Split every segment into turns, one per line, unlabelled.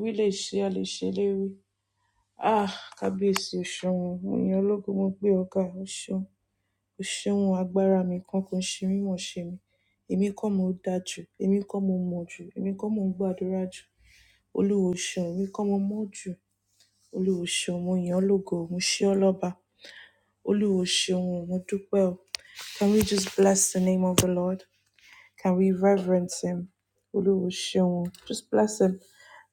Wí lè ṣe, a lè ṣèlérí. Ah! Kábíyèsí o ṣeun, ènìyàn ológun mo gbé ọ ga, o ṣeun. O ṣeun agbára mi kan kò ń ṣe mí mọ̀ ṣe mi. Èmi kọ́ mo dá jù, èmi kọ́ mo mọ̀ jù, èmi kọ́ mo ń gbàdúrà jù. Olúwo ṣeun, èmi kọ́ mo mọ̀ jù. Olúwo ṣeun, mo yàn ọ́ lógo, mo ṣe ọ́ lọ́ba. Olúwo ṣeun, mo dúpẹ́ o. Can we just bless the name of the Lord? Can we reverence him? Oluwaseun. Just bless him.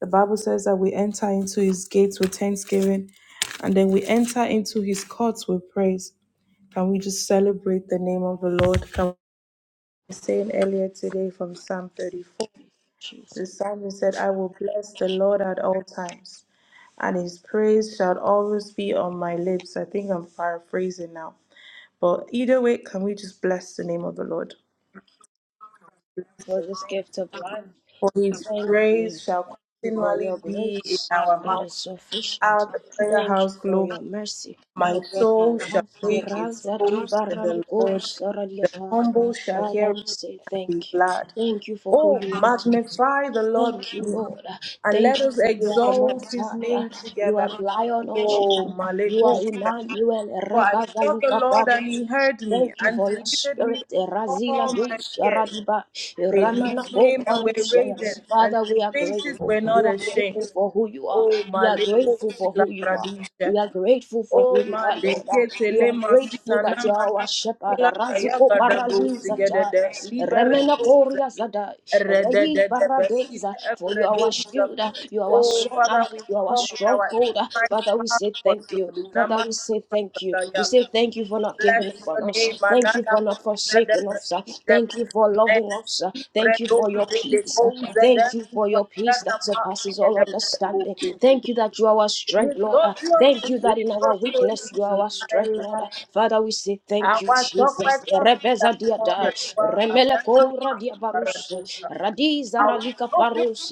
The Bible says that we enter into his gates with thanksgiving and then we enter into his courts with praise. Can we just celebrate the name of the Lord? Can we saying earlier today from Psalm 34?
Jesus,
The psalmist said, I will bless the Lord at all times, and his praise shall always be on my lips. I think I'm paraphrasing now. But either way, can we just bless the name of the Lord? Bless
for this
him.
gift of life.
For his
Thank
praise
you.
shall
Thank you for
continually
your
be in
grace
our
that
mouth.
is sufficient.
Our prayer
Thank you
house
for
globe.
your mercy.
My
Upon our
soul shall
life, You
make
rise
its
that up
boast in
around
the
the
Lord.
coast, around the
The
earth.
humble shall hear
Father, we
it
say
and be
thank you.
glad.
Thank you for who
Oh,
you are to us.
magnify the Lord
Thank
with
you,
me,
Lord.
and let
Thank you
us
that you are the
exalt
most
his
high.
name
You are
together.
the lion of Judah.
Oh,
You are
Maleko.
Emmanuel
For I sought the
Rebagalika
Lord,
Baruch.
and he heard me,
Thank you
and
for your
delivered
spirit.
me from
Razila
all my
Dulce
fears.
Radiba.
They
Ramana
looked to
Go
him and were
Baruch.
radiant, and
Father,
their
we are
faces
grateful.
were
We
not
are grateful
ashamed.
for who you are.
Oh,
We are
Maleko
grateful for
Sila
who you are.
Pradisha.
We are grateful for who
Oh,
you are, Lord. Ah,
Madekete
We are
Lema
grateful
Sina
that you are our
Namana.
shepherd.
Kula
Razuko
Kayagada Go
Paraliza
Sigedede. Libere
Remena Koria Zadai. Rehi Baradeza. For you are our shield. ah, You are our
Oh,
son. ah,
Father, we
You are our
come with our
stronghold. ah.
Christ
Father, we say say
passports,
thank you.
Lord.
Father,
Nama-
we say thank you. We say thank you
We
for not
bless
giving up
your
on
name,
us. Thank you
Anana
for not
Kosa de
forsaking us. uh.
Predija,
Thank you for
Men
loving us. uh. Thank you for your
Libredoze de
peace. uh.
Kosa
Thank you
de
for your peace
Pagana
that surpasses
Mafia
all
de
understanding.
Predoze.
Thank you that you are our strength,
Lift
Lord. uh.
up
Thank you that in our weakness you are our strength, Lord. uh. Father, we say thank you, Jesus.
Awatopata
Rebeza dia dai.
sitakoragwa
Remele kora
adanama
dia barus.
aradusa.
Radiza ralika
Awatoju
parus.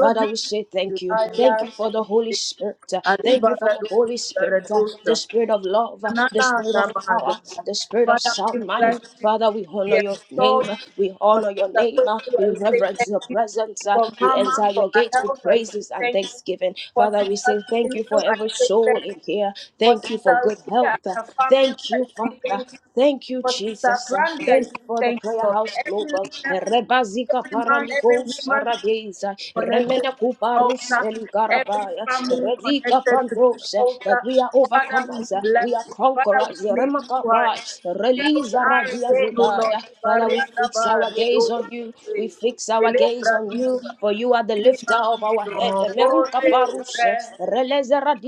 Father, we say thank you.
ilaila
Thank you for the Holy Spirit. uh. Thank Thank you for the
alibaradu
Holy Spirit, uh,
aradusa.
the Spirit of love, uh,
Na,
the
na,
Spirit
na,
of
ma, da.
power, the Spirit of
Father, we
sound
bless
mind.
you.
Father, we
We
honor your name.
exalt
uh, We
you. For
honor your
sister
name. uh,
Quincy,
We
I say
reverence
thank
your
you.
presence. uh,
For
We
Mama,
enter
for
your
her
gates with
health, I say
praises and
thank you.
thanksgiving.
For
Father, we
Sister
say thank you
Kilindo,
for
I
every
say
soul
thank you.
in here.
For
Thank you
Sister
for good
Rita and
health. uh,
her family,
Thank
I
you,
say
Father.
thank you.
Thank you,
For Sister
Jesus. Uh,
Brandy, I
Thank
say
you for the
thank you,
prayer
Lord.
house
Every
global.
leader,
Rebazika
every man, every
paraliko
woman
saradeza.
connected
Remene
to this
kubarus
altar, every
eligarabaya.
family
Redika
connected to this
pandos.
altar.
That we are
Father, we
overcomers. uh,
bless
We are
you. Father,
conquerors.
we lift you high.
Remakabai.
Here we
Releasa
are
radia
again, O Lord.
zudaya. Father, we
Ibariada
fix our
baredo
gaze on you. We
shate.
fix our gaze
Elebra
on you.
dusa.
For you are the lifter
Inima
of our head.
piso.
Meruka
Ore re.
paruse.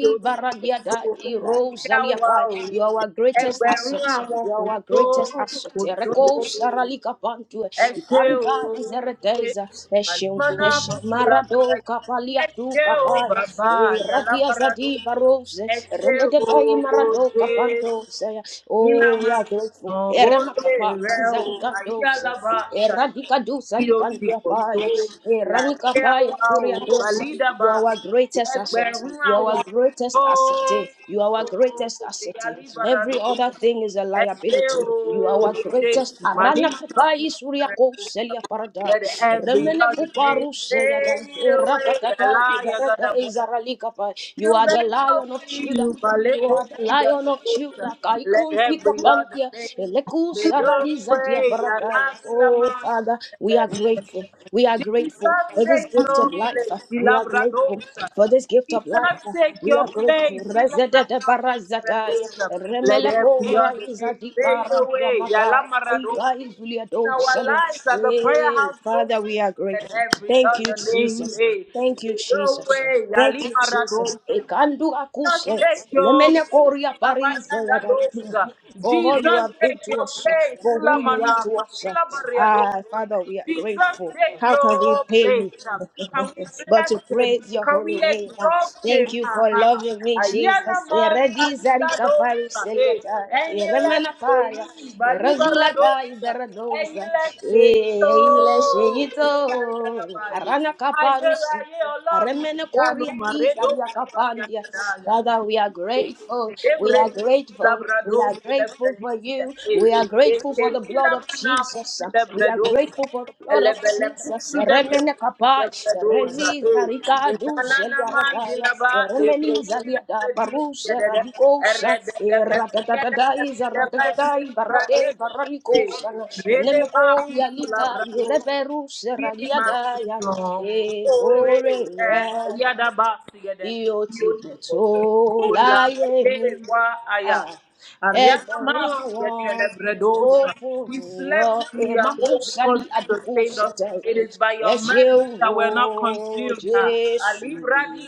Di
Yoti
Varandiada
piso. Lakia
Irosaliakai.
wa o.
You are our greatest
Ẹgbẹ̀rún
asset.
àwọn
You
kò
are our
tó,
greatest asset.
kò
Ereko
tó.
Saralika Pantu.
Esheo,
Ikariba is a redeza. Eshim
Alimana
Eshim
Pusilanai,
Marado Kapalia Du
Esheo,
Kapaya.
Baba,
Eradia
Yalabarado,
Zadi Barose. Reledai
Esheo,
Marado Kapando
Jesus,
Saya.
nílá
Oh, we
máa
are
ń sàn
grateful.
oore
Eremakapa
rẹ o
Zarika Dose.
ayíyálábà ṣàlù
Eradika Dosa
bí ó ti
Likantia
pọ̀ tó
Paya. Eranika
láyé
Paya
àwa o
Duria Dosa. You
bàlídàbà
are our greatest asset.
ẹgbẹ̀rún
You are our
àwọn
greatest
tó
asset. eh. You are
tó
our greatest asset. eh.
ìyálí baradò
Every other thing is a
ẹgbẹ́
liability.
o
You are our
ṣe
greatest.
màní
Arana
màmá
kubai
fún
surya
rẹ
ko
o
selia parada.
let every
Remena
other name
kuparu seyada.
fade away
Eradadada
yàrá
iberada
yàgàdà
izarali kapa.
you
You are
may
the
not
lion of Judah.
feel, but let
You
hope
are the lion of Judah.
Let
Kaikun
every
pika
other
pantia.
name
Eleku
fade
sarali
away.
zadia
way. I
parada.
love
Oh Father, we are grateful. We are
Jesus,
grateful for this
take
gift
your
of life.
place. He
We
la
are grateful
bradosa.
for this gift of life.
Jesus, take
We
your
are grateful.
place. He la na-
Rezedede barazadaya,
Let
remeleko
every other name
raizadi
fade away.
baradiamakai,
Yala Maradosa.
aikai
In our
zuliadosania.
lives at the prayer
Hey,
house
Father,
program,
we are
let
grateful.
every
Thank you,
other name
Jesus.
hey,
Thank you,
fade
Jesus.
away.
Thank you, Jesus.
Yali
Ekandu
Jesus,
akuse,
take your
lemeleko ria parize yada
Rabatandadoza.
for all you
Jesus,
have
take
been to
your
us,
place.
for who you
Ilamana,
are to us.
Ilabariado.
Ah, Father, we are
Jesus,
grateful.
take
How can we
your
pay
place.
you?
Can we
but to
bless him?
praise your
Can we
holy name. Ah,
exalt
Thank
him?
you
Ah,
for
ah, ah.
loving me,
Ayana
Jesus. Eredi zarika paru
Mantandadoza. Hey,
seliata,
and you let say,
eremenakaya, erazulaka
Balibaradoza. And you
iberadosa,
let say,
eh, ile
oh,
sheito, aranaka
Ayala,
parus.
ayé ọlọ́run ìyanu
Remenekoria
màrédó
Bizalia Kapandia. Father, we are grateful. We are
Celebrate
grateful. We
Labrador
are grateful for
celebradista
you.
e
We are
e
grateful
te
for the
kila
blood of
mana
Jesus. We are
celebrador
grateful for the blood of
elebele
Jesus.
kusu de
Remene Kapai.
celebrador e
Rezi
e dala na man
Radaya,
dilaba le ko
Remeniza Liada,
celebradista
Barusha
de de
Radicosa,
erede de be de de de be
Ratatatatai, Zaratatatai, Barate,
celebradista e
Baralicosa,
rene ma
Nemeco
kusu
Yalika,
labrador
Reperus
Kiri
Radiadaya,
makuto,
Eh,
ore yada basi yada
bí ó ti
yodi
pọ̀ tó
kola
láyé mi.
yewa aya.
Ah,
Ariana
ẹgbẹ̀rún
Masi
àwọn
yada
tó
bredosa.
fún
We slept
nìyàn
and we are woke because
emakosali
you
aduko
sustained us.
sẹtẹ
It is by
ẹ
your mercy
ṣeun
that
o
we're not consumed. Ah,
jésù
Alibra di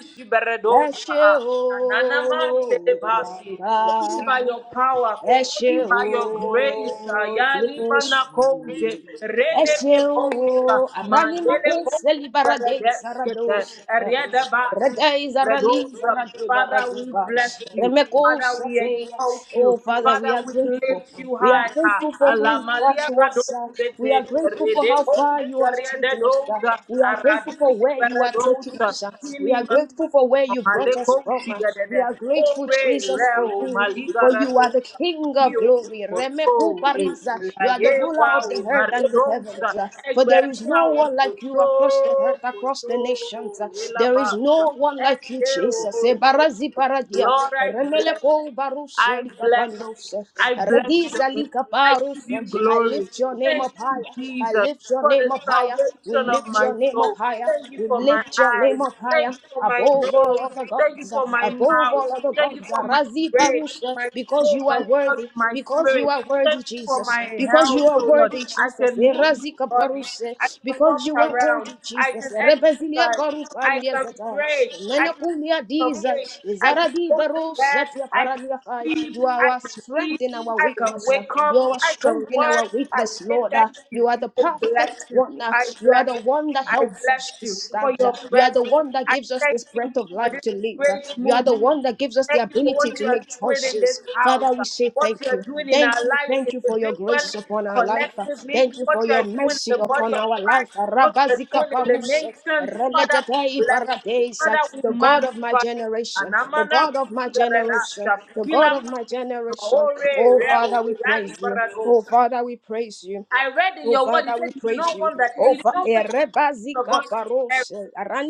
ẹ
shiberedosa.
ṣe
Ah,
o
Anana man telebasi
bàbá
only by your power,
Ẹṣé
only
o,
by your grace.
Jésù.
Ayalibana koje, rene
Ẹṣé
me koja,
o, àrání máa
mandele
kó sẹ́lí
koja,
báradé sáradó
redeskete, eriada basi.
Rẹ́dẹ́ ìzáralí
Redosa.
záradé
Father,
báradé
we
bá.
bless you.
Rẹ́mẹ́kó
Father, we
sẹ́fẹ̀.
exalt you.
Oh, Father, we
Father,
are
we
grateful.
lift you
We are
high.
grateful for who you are
Alamalia
to us, sir. We are
gadozete,
grateful for how far you
redekoza,
have taken us, sir.
rededoza,
We are grateful for
aradizi,
where you are taking us,
beredosa,
sir. We are
Kini
grateful for where you brought us
Maleko
from. uh. We
Shigadede,
are grateful,
Ore
Jesus, for
Reo
you, for you are the
Maligaradosa,
King of
Io
glory.
Moto,
Remeku Parisa. You are the
Layewa,
ruler of the earth and the
Maredosa,
heavens, uh. for there is
Egbema,
no one like you
Koto,
across the earth, across the
Koto,
nations. uh. There is there is
Elabasa,
no one like you,
Eseo,
Jesus. Eh, Barazi paradia.
Lord, I bless
Remeleko
you.
baruse
I bless you.
likapandose.
I bless your
Rediza
name. I give
likaparuse.
you
I
glory.
lift your name
Thank
up
you,
higher. I
Jesus,
lift your
for
name
the
up higher. We
salvation of
lift
my
your name up
soul.
higher.
Thank you
We
for my
lift your name
eyes.
up
Thank
higher
you for my
above all
nose.
other
Thank you
gods,
for my
above all
mouth.
other
Thank you
gods.
for my
Razi
brain,
Barusha,
my
because
soul,
you
my
are
body,
worthy,
my
because you
spirit.
are worthy,
Thank you for
Jesus
my
because you
health,
are
oh Lord.
worthy,
I
Jesus.
can move
Erazika
my body. I
paruse,
can
because
walk
you are worthy,
around. I
Jesus.
can
Eh, Rebezilia
exercise. I
karupandia
can
zatai,
pray. I can
menokulia
of
diza,
faith. I can
izaradi
go to bed,
barusatia
I can
paraliakai.
sleep,
You are our
I can eat,
strength in our
I can
weakness. uh.
wake up,
You are our
I can
strength in
work.
our
I
weakness,
say
Lord.
thank
uh.
you.
You are the
I
perfect
bless you.
one. uh.
I
You are
bless
the one
you.
that
I
helps us
bless
to
you for
stand. uh.
your
You are the
presence.
one that
I
gives us
thank
this
you
breath of life
for
life
this
to live.
great
You are the
movement.
one that gives us the
Thank you for
ability
what you
to
are
make
doing in this
choices.
house,
Father,
uh,
we say
what you
thank
are
you.
doing in our
Thank you,
lives
thank you for your grace
individually,
upon our life.
collectively,
Thank you
what
for
you are
your
doing in
mercy
the body
upon
of
our life.
Christ, what you are
Rabazika
doing in the
paruse,
nations. Father, we
reletete
bless you.
iparadesa.
Father, we
The God of my
magnify you.
generation, the
Anamana
God of my
pusu da
generation,
redasha.
the God
Kila
of
mtu.
my generation.
Ore,
Oh
reo,
Father, we
yali
praise you. Oh
Baragos.
Father, we praise you.
I read in
Oh
your word, you
Father, we
said you do
praise
not
you.
want that,
Oh
you do not
Father,
want any of
Rebazika
us to perish.
Barose,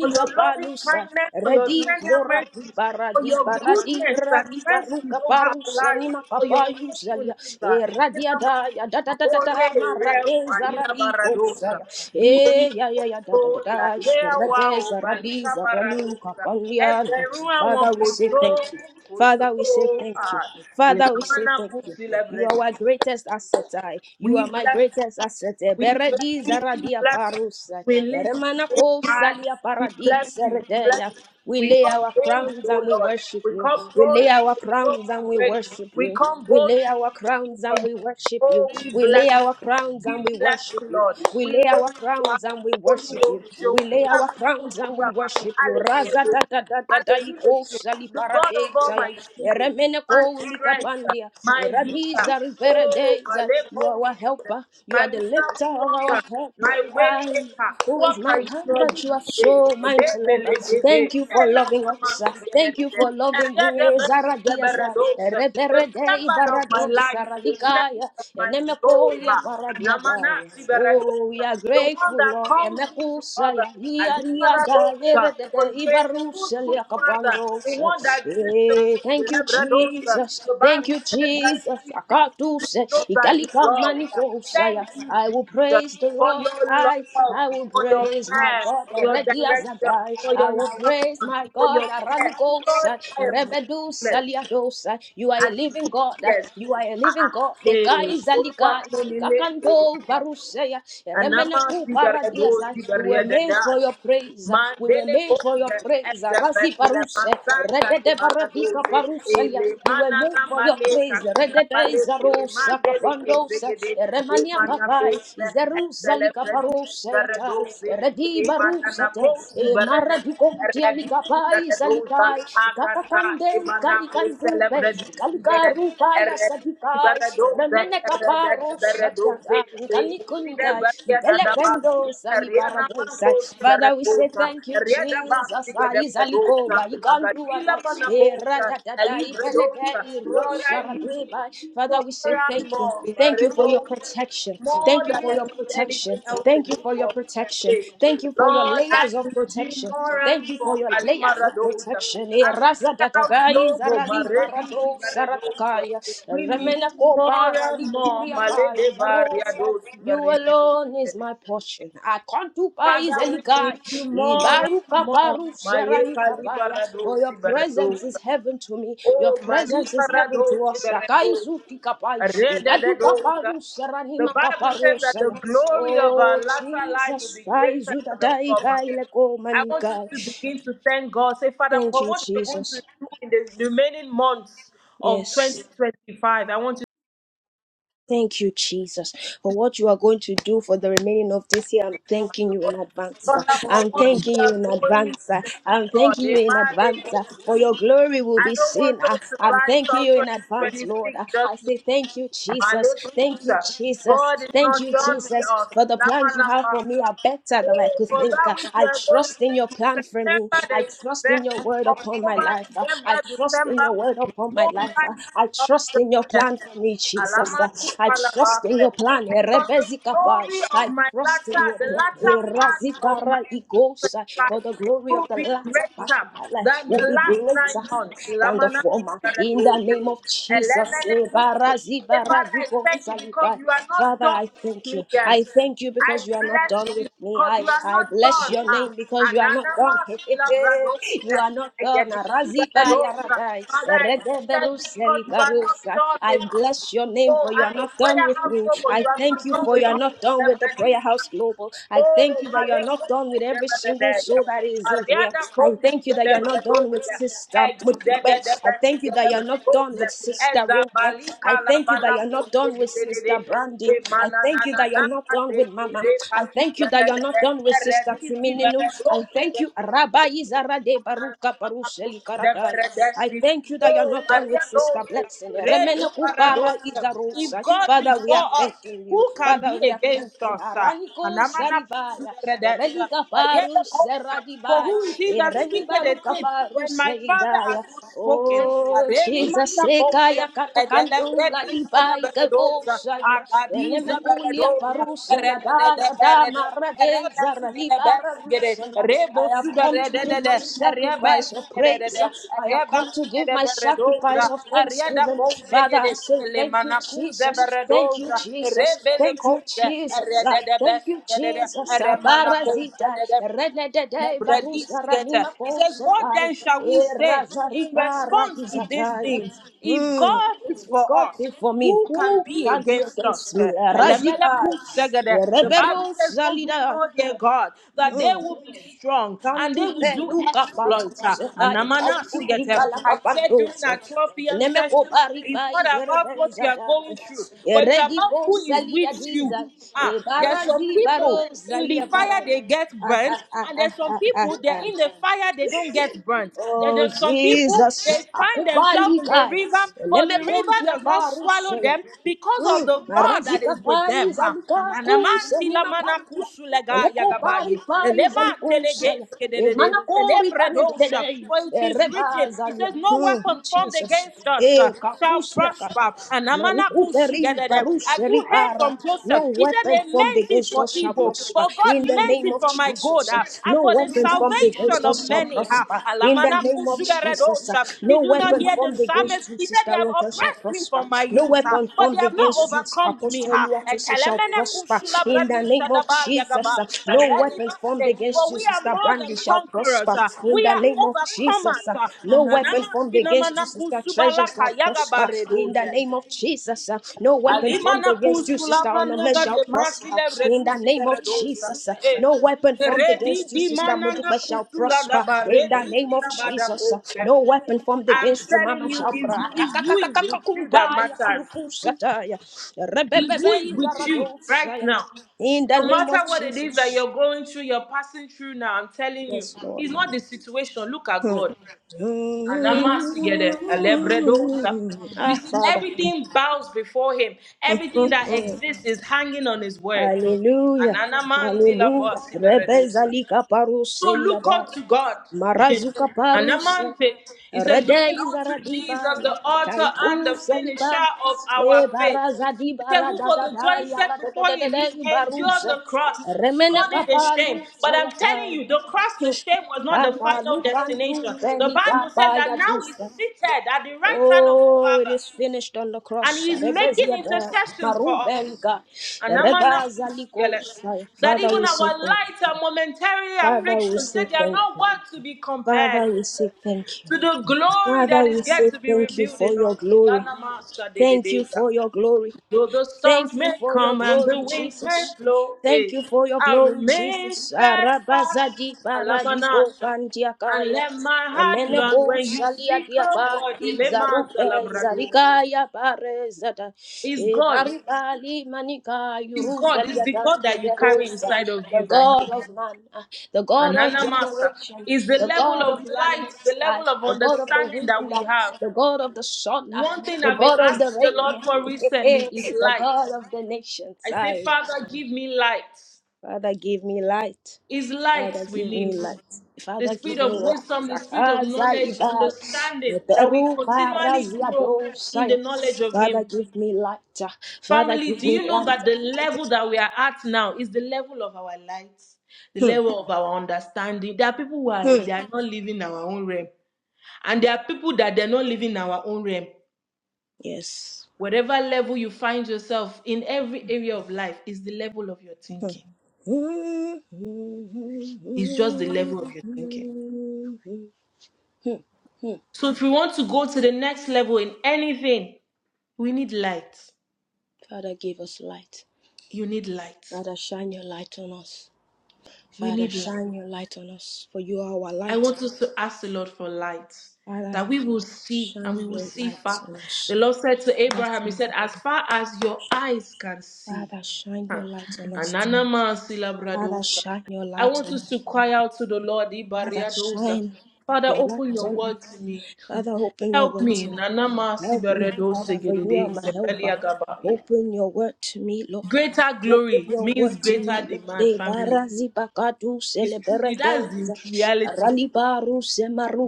For your loving
Balusa,
kindness, for your
Redi
tender
Zora di
mercies, for
Baradi
your
Baradi
goodness and
Radika
mercies
Ruka
over our
Barusa
lives,
Nima
for your
Kapayusalia,
faithfulness.
E
God.
Radiada da da da da da Marade Zaraniko Saya,
Be
E ya Eh, ya ya da da da
Oh,
da
la lea wa
Rade
o
Zaradi
balika
Zaranuka
baradosa.
Palian.
Ẹgbẹ̀rún àwọn
Father, we
kò
say
tó,
thank you.
kò
Father, we say
tó.
thank you.
Ah,
Father, we say
ìlànà
thank
kù
you. You are our
sílẹ̀
greatest asset. I. You
we
are my
bless
greatest asset.
We bless
Beredi
you. We
zaradia
bless you.
parusa.
We lift
Eremana
you up high.
salia
We bless
paradis
you. We bless
eredea.
you.
We
We
lay
come
our
boldly,
crowns and
O
we
Lord.
worship
We
you.
come
We
glory
lay
to
our
the throne
crowns and
of
we
grace.
worship
We
you.
come
We
boldly
lay
to
our
receive
crowns
from
and
you.
we worship you.
Oh, we
We
bless
lay our
you.
crowns and
We
we
bless
worship
you,
you.
Lord.
We
We
lay
lift
our
you high.
crowns and we worship
Olúwo
you.
ṣeun.
We lay our
Bàbá tó
crowns
kú
and we worship you. Raza da da da da da iko
The God of all
Desaya,
my children, my
Eremeneko
strength,
Likapandia,
my healer,
Eradiza Rivera
oh, my
Deza. You
labor,
are our helper, you
my
are the lifter
miracle
of our
worker,
head,
my
Lord.
way
I
maker,
who
what
is
can you
mankind
not
that
do
you are
today?
so
Today,
mindful of
mele,
us.
dede,
Thank you for
ela,
loving
kama,
us. uh,
sigede,
Thank you
dede,
for
and
loving
yet the
me.
the better,
Zaradiasa,
uh, the
Reberede
shepherd of my
Barado
life, the shepherd
Saradikaya,
of my soul.
Enemekolia
ha.
Paradiataya.
Namana
Oh,
Sibaragosa.
we are
The one
grateful,
that
Lord.
calls me to other.
Emekusaya, Eh,
Alibaragosa. Because you're a good, good father. The one that disciplines.
Thank you,
Lebradosa.
Jesus.
The
Thank
Bible
you,
says that
Jesus.
he disciplines
Akatuse,
those that he
ikalika
loves.
manikosaya.
Thank you,
I will
Jesus,
praise the
for
Lord.
your
I
love,
I will
for your
praise my
care,
God.
for your
Ready as a
direction,
guy.
for your
I will praise my
instruction, for
God.
your care. Lord,
Aranikosa,
I am
rebedusa
blessed.
liadosa. You are a living God.
Yes.
You are a living
Ah,
God. The
Eh,
guy is a
Olúwa
ligai.
pọ́n mi lé.
Kakando barusaya.
Anama
We
sigarado
were made
sigariadada.
for your praise. We were
Mandele
made for your
konze
praise. Razi
ezepetile
paruse.
masanta ni
Redede baradika
baladoze.
paruselia.
Ele
We were made
manana
for your
male
praise.
kasila
Redede
bale kele
izarosa
mandele
kapandosa.
kezegede.
Remania
Remana
kapai.
konze ezele
Izeruzali
vredi
kaparose yata.
sigaradoze.
Redi
Remanana
barusate.
konze barade.
Maradikondi alikapai
Redosa,
salikai.
Agata,
Kakakande
Imanapo,
kalikandupe.
celebrate,
Kalikaru paya
Eredi,
sadikai.
Baradosa,
Remene
Erede,
kaparo shatiata, nkanikunda,
Baria,
ntelependo
Dadabasi, Ariana
salibaradesa.
Manco,
Father, we say
Beredosa,
thank you,
Rieda Basti,
Jesus. Ah,
Beredosa,
izalikoba,
Agadila
ikanduada,
Manacosa,
eradadada, ipelede,
Elibredosa, Lord, I need you
irosaradeba. Father, we
more
say
and
thank you.
more,
Thank you for your
Beredosa,
protection.
more
Thank you
than
for your protection.
anything else in
Thank you
this
for your protection.
world.
Thank you for your
Lord, I'm
layers of
Eugene
protection. Thank
Moran
you for
from
your layers of
Alimaradoza.
protection. Eh,
I'm
razadadada,
House Global,
li parado
Maredizi Baradoza.
saratakaya
We need
remena ko
more
para li
and more,
turia pai
Malede
zarosa
Bariadozi
you
Bariade.
alone is my portion i can't do pais
Father, we need
elikai
you more
ibaruka
and more,
paru sharani
Mayeka
kapaya for your
Libaradozi
presence
Baradoza.
is heaven to me your
Oh,
presence is
Malika
heaven to
Rados,
us sakai
Beredos,
zuti kapai igadu
Redededosa.
kaparu sharani
The Bible
makaparo
says that the
saya
glory of our
oh
latter life will
jesus
be
sai
greater
zuta
than the
dai
former.
pai le ko
I want us to begin to thank God. Say, Father,
thank
for
you
what you're going
jesus
to do in the remaining months of
yes
2025, I want you to
Thank you, Jesus, for what you are going to do for the remaining of this year.
thank the
I'm
name of
thanking
the
you
Lord.
in advance. sir.
Father, for
I'm
what you
thanking you
are
in
going
advance. sir.
to do,
I'm
Lord.
thanking you in
Emma,
advance sir, for
Leko.
your glory will
I
be
don't want
seen. ah.
us to
I'm
rise
thanking
up
you in advance, Lord.
2026
Ah, I
just
say thank you, Jesus. Thank you,
Malepusa.
Jesus.
God is
Thank
not
you,
done with
Jesus,
us.
for the
Lama
plans you have
lapa.
for me are better than I
Oh,
could
For
think.
that
ah.
which you
I
are going
trust
to
in your
do,
plan for me.
September,
I
the
trust in
best,
your word upon my
October,
life. ah.
November,
I trust in
December,
your word upon my for my life. Uh,
Almighty
I
of
trust
the
in your plan
earth.
for me, Jesus. Uh,
Alamani
I trust in
kalabase.
your plan.
Because the
Erebezikapa.
glory of
I
my
trust in
latter,
your
the
plan.
latter part of my
Erazikara ikosa. For the glory of
will
the
be
latter part
greater
of my life
than
will
the
be
last nine
greater
months.
than the
Lamana,
former. In the name of Jesus.
Elena, Hey, Father, I thank you because
Ebarazibaragiposalibai.
you are not
Father,
done
I
with
thank you.
me yet.
I thank you
I
because you are not done
bless you
with me.
because
I,
you are
I
not
bless
done.
your name
Ah,
because you are not done.
Ananamas
You
Labradosa.
are not
I
done.
get this,
Raziba Yaradai.
Father, I thank you because you are not
Eredeberuselikarusa.
done
I
with us.
bless your name
Oh,
for you
at
are
the
not done
prayer
with
house,
me.
Lord, you
I
are
thank
not
you
done
for you
with
are not done with the prayer
us.
house global. I thank
Oh,
you that you are not
Maleko,
done with
the
every single
Rebedelia.
soul that is in here.
Ariada
I
Coach,
thank you
the
that you are not done with
Rebedelia.
sister. Mutupe. I thank you that you are not done with sister Roke.
Ezabalika
I
la
thank you that you are
balako
not done
de
with
de de de
sister Brandy.
de
I thank you
mananana
that you are not done
de
with mama. I
repasi
thank
de
you that
de
you are not
The
done done with Sister
de redisi
Simininu. I thank
de
you, Rabbi Izarade Baruka Barusheli Karadaya. I thank you that you're not done with Sister Blessing. Remene Kupara
if
Izarusa.
God be
Father, we
for
are
us,
thanking you.
who can be
Father, we are
against
thanking
us?
Araniko
Anamana
Saribaya.
pusideberedesa.
Erelika Paru
Ariadekosa. For
Seradibai.
who is he that
Ereni
speaketh a
Baruka
thing
Paru
when my father has
Seidaya.
not spoken?
Oh,
Areni
Jesus,
manda kosa
Sekaya Kakakandula Ibai
beredosa,
Kakosayana.
akadiza
Nemekulia
beredosa,
parusia yada
rededede
yada
berede,
marade zarali
rebesigede besigede,
baradusa. I have
rebosuda
come to give my
rededede,
sacrifice of praise.
rebesigededede,
I have come to give
rebasigede
my sacrifice
beredosa,
of
ariada
thanksgiving. Father, I
koujegede,
say thank you,
lemanakuze
Jesus. Thank you,
beredosa,
Jesus.
rebele
Thank you,
kouze,
Jesus. Ah,
redede
Thank you,
besigedede,
Jesus. Ah, Barazita
remanakouzedede,
rededede barusia
Lebrediskete.
ranima
He says, What
kosetai.
then shall we say
Erazari
in
para
response to these
izataya.
things? If
Hmm.
God is
If
for
God
us,
be for me,
who can
who
be
can be
against us?
against me? Razika,
Elemelekusegede. The Bible
Rebero
says, Those who
Zalida,
know their God, that they will be strong and they
Cantu
will do
Luca
exploits.
Pantus,
Anamanasigete.
Kaikutika La
I said during
Pantus,
our 12 p.m. session,
Nemeko
it's
Bariba
not
is
about what you are
Rebezada,
going through, but it's about
Eredico
who is
Salia
with you.
Diza,
Ah, there's some
Barazi
people
Baro
in the
Zalia
fire
Bara.
they get burnt, and there's some people they're in the fire they don't get burnt. There-
Oh
There's some people they
Jesus,
find themselves
akubali
in the
kai,
river, but
leme
the river
kontia
does not swallow
paruseya.
them because of
Mm,
the God that
Marazika
is with
fai
them. Ah,
zalika kuse
ananamati
ni
lamana
makantia.
kusulega
Eleko pari
yagabaye.
fai
Elema
zaliko
telege
saya. E
skedede.
manakori pari
Elebredosha.
dedei.
For it
E
is written,
reba
it
zalia.
says, No
Mm,
weapon formed
Jesus.
against us uh,
E
shall
kakusia ka.
prosper. And Amana
Malikuperi
kushugedede. Have you
baruseri
heard
para.
from Joseph?
No
He said
weapon
they
formed
meant it
against
for
us shall
evil,
prosper.
but God
In the
meant
name
it
of
for my good
Jesus.
ah,
Jesus.
and
No
for the
weapon formed
salvation
against
of
us shall
many. ah.
prosper. In the
Alamana
name of Jesus.
kusuberedosha.
No
Did you not
weapon
hear the
formed
psalmist?
against you,
He said they
Sister
have
Ronka, shall
oppressed me
prosper.
from my
No
youth, ah,
weapon
but they
formed
have not
against you,
overcome me.
Apostle
ah.
Luatosi, shall
Ekelemene
prosper. In the
kusulabradisa
name of Jesus.
dabalyagaba.
No weapon formed
Eredibase.
against
For
you,
we are
Sister
more
Brandy,
than
shall
conquerors.
prosper.
ah.
In
We
the
are
name of Jesus.
overcomers. ah.
No
Ananama
weapon formed against you,
sinamana
Sister Tre measures
kusubalaka
shall prosper in the
yagabaredoje.
name of Jesus. uh, No weapon formed
Alimana
against you,
kusula
sister Onome,
manega
shall
de
prosper
masile
in the
redusi
name of
redosa.
Jesus. uh,
Eh,
No weapon formed
redi
against you,
di
sister
manana
Mudupe, shall
kusula da
prosper
ba
in the
redi
name
di
of
la ba
Jesus. uh,
kose.
No weapon formed
I'm
against you, Mama,
telling you,
shall
it's,
prosper.
it's who is with you that matters. It's who is with you right now.
In the
No
name
matter
of
what it is that
Jesus.
you're going through, you're passing through now, I'm telling you,
Yes, Lord.
it's not the situation. Look at
Hmm.
God. Anamasigede, elebredosa. You
Ah,
see,
Father.
everything bows before him. Everything that exists is hanging on his word.
Hallelujah. Hallelujah.
Ananamandila
Rebezalika
so
paruselia
look
daya.
up to God.
Marazuka
And
paruse.
Amante, it says,
Rede
looking unto Jesus,
izaradiba
the
ya
author and
kaiku
the
seliba.
finisher of our
E
faith.
barazadi
It said, who for the
baradadada
joy
ya
set before him, he
radadadada
endured
baruse.
the cross,
Remene
scorning the shame.
kapalu se
But
ya
I'm telling
tai.
you, the cross, the shame was not the
Kapalu
final
kantu
destination. The
pelika
Bible says that
paya
now he's
dusa.
seated at the right hand of the
Oh, it
Father
is finished on the
and
cross.
he's making
Rebezia da
intercessions for us.
Marubelga.
And I'm not
Rebazalikosai.
that
Father, we
even our
say thank you.
light and momentary
Father, we
afflictions
say
said they are
thank
not
you.
worth to be compared
Father, we say thank you.
to the glory
Father,
that
we
is
say
yet to be
thank you
revealed
for
in
your
us.
glory. Thank you for your glory.
Though the storms
Thank you
may
for your
come and the
glory,
winds may
Jesus.
blow, eh,
Thank you for your
I
glory,
remain
Jesus.
steadfast.
Arabazadi paradiko
Alamanasha. And
pantiakaya.
let my heart, Lord,
Emeneko
when you
salia
speak a
diapa
word, elema
izaruke
zalabradosa.
zarikaya parezata.
is
E
God.
barikali manika
It's God. It's the
yurusaliata
God that you carry
iberosa.
inside of
The
you that
God
helps.
of man, ah, the God of
Anana Master
generation,
is the
the
level
God
of
of the
light,
animals,
the
ah,
level of
the God of the
understanding
wind,
that we
ah,
have.
the God of the sun, ah,
One thing
the
I've been
God of
asking
the
the Lord
rain,
for recently is
the
light.
God of the nations.
I say,
uh,
Father, give me light.
Father, give me light.
Is light
Father,
we
give
need.
me light.
The
Father,
spirit
give me
of
light.
wisdom, the spirit of knowledge,
Akazaidai,
understanding that we
Eberu
continually grow in
paraziadosaya.
the knowledge of
Father,
Him.
give me light. Father,
Family,
give
do
me
you know
light.
that the level that we are at now is the level of our light, the
Hmm.
level of our understanding? There are people who are
Hmm.
they are not living our own realm, and there are people that they're not living our own realm.
Yes.
Whatever level you find yourself in every area of life is the level of your
Hmm.
thinking.
Hmm.
It's just the level of your thinking.
Hmm. Hmm.
So if we want to go to the next level in anything, we need light.
Father, give us light.
You need light.
Father, shine your light on us.
We
Father,
need light.
shine your light on us, for you are our
I
light.
want us to ask the Lord for light
Father,
that we will see and
Shine
we will
your
see
light
far.
on us.
The Lord said to
Father,
Abraham, He
shine
said,
your
As
light.
far as your eyes can see.
Father, shine
Huh.
your light on us.
Ananama
Father,
silabradosa.
shine your
I
light
want
on
us
us.
to cry out to the Lord,
Father,
Ibariadosa.
shine
Father,
your
open
light
your
on me.
word to me.
Father, open your
Help
word
me.
to me.
Nanama
Help me,
sibaredosa
Father, for you are
gedede
my helper.
sebeliagabaye.
Open your word to me, Lord.
Greater
Open
glory
your
means
word to
greater
me, Lord.
demand,
De
family.
barazi bakadu
It's true. That's the
celebrades.
reality.
Ralibaru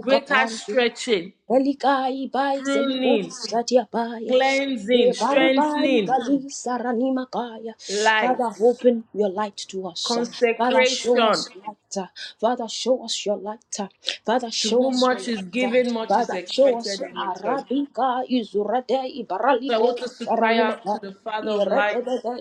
Greater stretching.
Elikai bai
pruning,
zelibus satiapaya.
cleansing,
Barubai
strengthening,
kali sarani makaya.
light,
Father, open your light to us. Father, show
consecration.
us light. Father, show us your light. Father,
To
show
whom
us your
much is
light.
given, much is
Father, show us
expected in return. So
Arabica Izurade
I
Ibaraligo
want us to cry
sarani
out to
makaya.
the Father of lights,
Iredede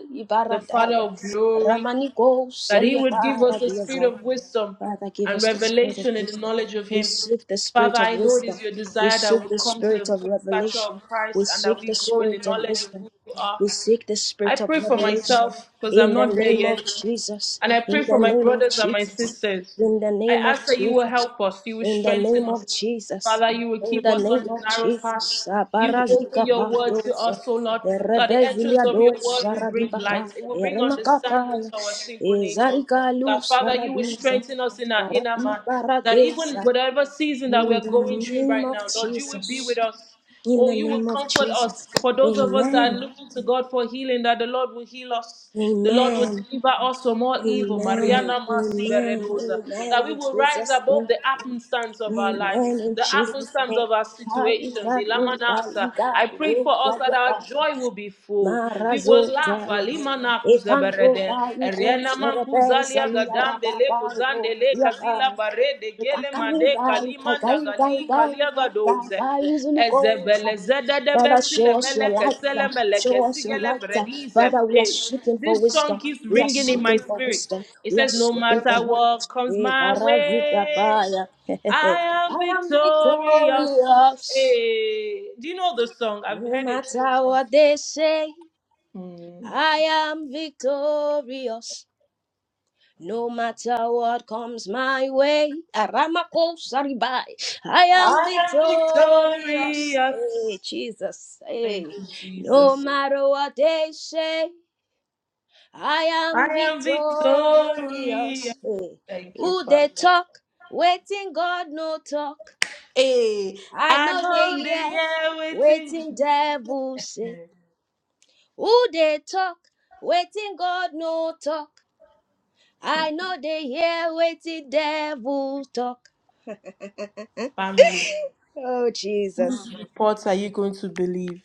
the Father
Ibaradaya.
of glory,
Ramanigo
that He
Celia
would give us the spirit
Paradiaza.
of wisdom
Father, give
and
us the spirit of
revelation in the
wisdom.
knowledge of
We
Him.
seek the
Father,
spirit of
I know it
wisdom.
is your
We
desire that
seek
we
the
come to the
spirit of
full stature of
revelation. We
Christ and that
seek
we
the
grow in the
spirit of
knowledge of
wisdom.
who you are.
We seek the
I
spirit of
pray for
revelation.
myself because I'm
In the
not there
name of
yet.
Jesus.
And I
In
pray
the
for my
name of
brothers and my
Jesus.
sisters.
In the
I
name of
ask that you will
Jesus.
help us, you will
In the
strengthen
name
us.
of Jesus.
Father, you will
In
keep
the
us on
name
the
of
narrow path.
Jesus.
You will open
Abarazika
your word to
pandose.
us, O Lord, that the entrance
Erebezilia
of your
dos
word will bring
saradibaka.
light. It will bring
Eremaka
understanding
paya.
to our simple nature.
Ezarika
That,
luz
Father, you will
saradiza.
strengthen us in our inner man. That even
Baradisa.
whatever season that
In
we're
the
going through
name
right
of
now, Lord, you will
Jesus.
be with us.
In
Oh,
the
you will
name of
comfort us.
Jesus.
For those of us that are
Amen.
looking to God for healing, that the Lord will heal us. The Lord will
Amen.
deliver us from all evil.
Amen.
Mariana Masi
Amen.
Beredosa.
Amen.
That we
In
will rise
Jesus'
above
name.
the happenstance of our life,
Amen. In
the
Jesus'
happenstance
name.
of our
Why is
situations.
that? you, God?
Ilamanasa.
You
I pray for us that our
got
joy will be full. We will laugh.
Marazotaya.
Alimana
Ekanto
barede
baiku
riena
serebe
mankuzalia
salia
gadambe
rada
le
bando
kuzande le kazila
diakaya.
barede gele
Ekakai
mande
gai kai
kalima
gai gai
ndagali
gai
kalia
gai gai
gadouse
gai uzulukosa.
ezebele zedede
Father,
besile
show us your
meleke
light.
sele
uh,
meleke
Show us your
sigele
light. uh.
bredise
Father, we are
Eh,
seeking for
This song
wisdom.
keeps
We are
ringing in my
seeking for
spirit.
wisdom.
It
We are
says, No
seeking for
matter
knowledge.
what comes
Eh,
my
baravita
way,
baya.
I am
I am
victorious.
victorious.
Hey, do you know the song? I've
No
heard it maybe
matter
once.
what they say.
Hmm.
I am victorious. No matter what comes my way, Aramako Saribai, I am
I am
victorious.
victorious.
Hey, Jesus,
Thank
hey.
you,
No
Jesus.
matter what they say, I
I
am
am victorious.
victorious. Hey.
Thank you,
Who
Father.
they talk, waiting God no talk.
Hey,
I
I
know they
know they
hear,
are waiting.
waiting devil say. Who they talk, waiting God no talk. I know they hear waiting devil talk.
Family,
Oh, Jesus.
whose reports are you going to believe?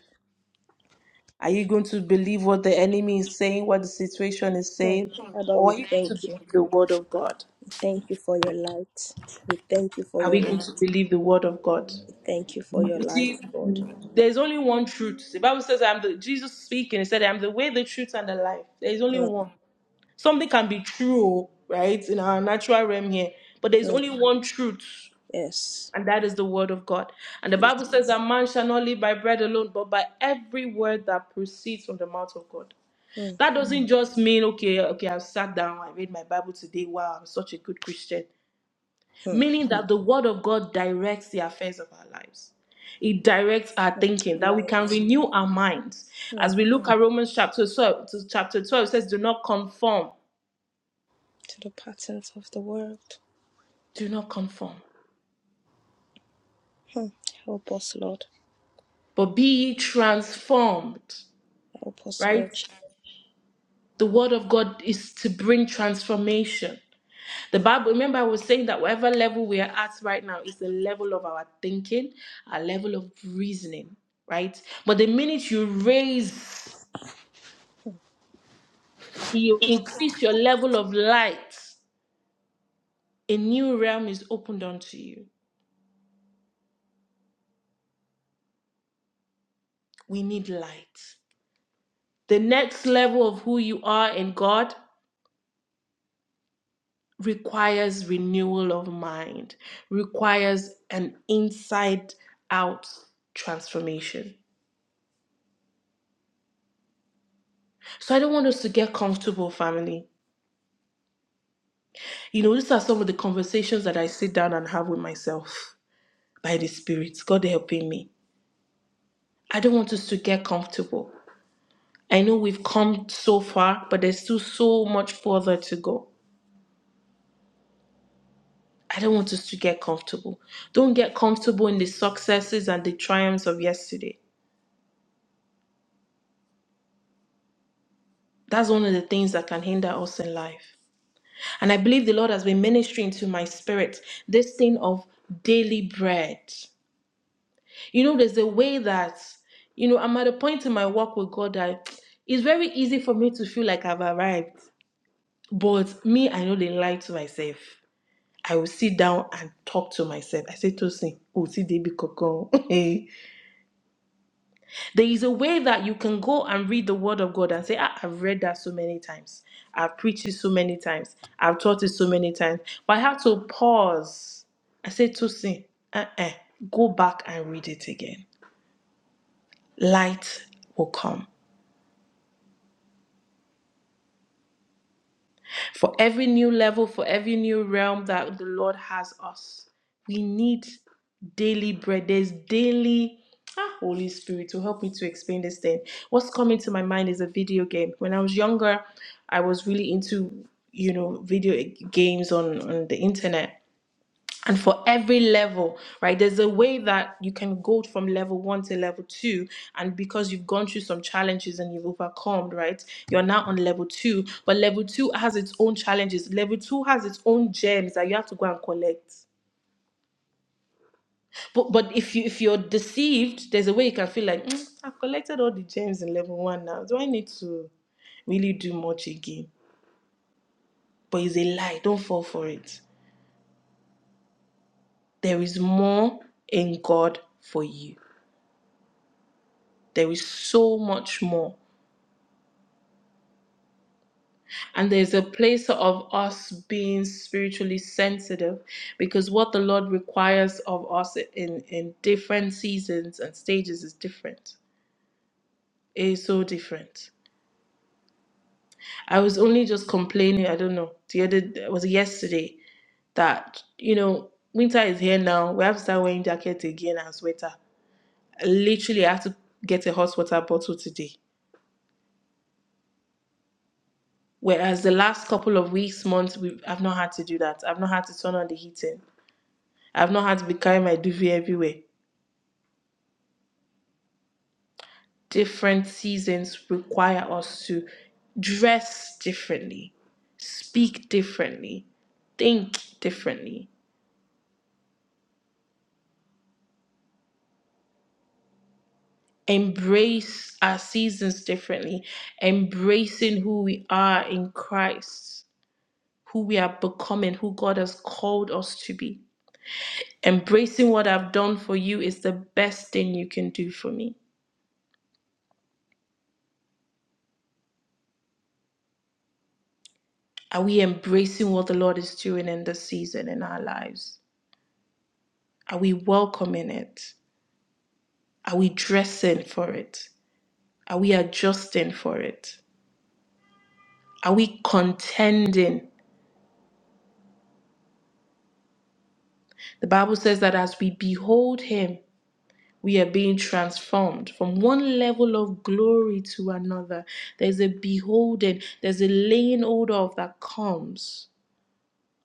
Are you going to believe what the enemy is saying, what the situation is saying, or are you going to believe the word of God?
Thank you for your light. We thank you for
Are
your
we going
light.
to believe the word of God?
Thank you for your
You
light,
see,
Lord.
there's only one truth. The Bible says, "I'm the Jesus speaking." He said, "I'm the way, the truth, and the life." There is only one. Something can be true, right, in our natural realm here, but there's
Mm,
only one truth,
yes.
and that is the word of God. And the Bible says that man shall not live by bread alone, but by every word that proceeds from the mouth of God.
Mm,
That doesn't just mean, okay, okay, I've sat down, I read my Bible today, wow, I'm such a good Christian.
mm,
Meaning that the word of God directs the affairs of our lives it directs our thinking that we can renew our minds
mm.
as we look at romans chapter 12 to chapter 12 it says do not conform
To the patterns of the world.
do not conform
Mm. Help us, Lord.
but be ye transformed,
Help us, Lord.
right?
Je-
The word of God is to bring transformation. The Bible, remember, I was saying that whatever level we are at right now is the level of our thinking, our level of reasoning, right? But the minute you raise, you increase your level of light, a new realm is opened unto you. We need light. The next level of who you are in God requires renewal of mind, requires an inside out transformation. So I don't want us to get comfortable, family. You know, these are some of the conversations that I sit down and have with myself by the Spirit, God helping me. I don't want us to get comfortable. I know we've come so far, but there's still so much further to go. I don't want us to get comfortable. Don't get comfortable in the successes and the triumphs of yesterday. That's one of the things that can hinder us in life. And I believe the Lord has been ministering to my spirit this thing of daily bread. You know, there's a way that, you know, I'm at a point in my walk with God that it's very easy for me to feel like I've arrived. But me, I know they lie to myself. I will sit down and talk to myself. I say, Tosin, oh, see, they be cocoa. Hey, There is a way that you can go and read the word of God and say, "Ah, I've read that so many times. I've preached it so many times. I've taught it so many times. But I have to pause. I say, Tosin, uh-uh, go back and read it again. Light will come. for every new level, for every new realm that the Lord has us. We need daily bread. There's daily ah, Holy Spirit to help me to explain this thing. What's coming to my mind is a video game. When I was younger, I was really into you know video games on on the internet and for every level right there's a way that you can go from level one to level two and because you've gone through some challenges and you've overcome right you're now on level two but level two has its own challenges level two has its own gems that you have to go and collect but but if you if you're deceived there's a way you can feel like "Mm, i've collected all the gems in level one now do i need to really do much again but it's a lie don't fall for it there is more in god for you There is so much more. And there's a place of us being spiritually sensitive because what the Lord requires of us in, in different seasons and stages is different. It is so different. I was only just complaining, I don't know, the other it was yesterday that, you know, winter is here now. We have to start wearing jackets again and sweater. I literally had to get a hot water bottle today Whereas the last couple of weeks, months, we've, I've not had to do that. I've not had to turn on the heating. I've not had to be carrying my duvet everywhere. Different seasons require us to dress differently, speak differently, think differently, embrace our seasons differently, embracing who we are in Christ, who we are becoming, who God has called us to be. Embracing what I've done for you is the best thing you can do for me Are we embracing what the Lord is doing in this season in our lives? Are we welcoming it? Are we dressing for it? Are we adjusting for it? Are we contending? The Bible says that as we behold Him, we are being transformed from one level of glory to another. There's a beholding, there's a laying hold of that comes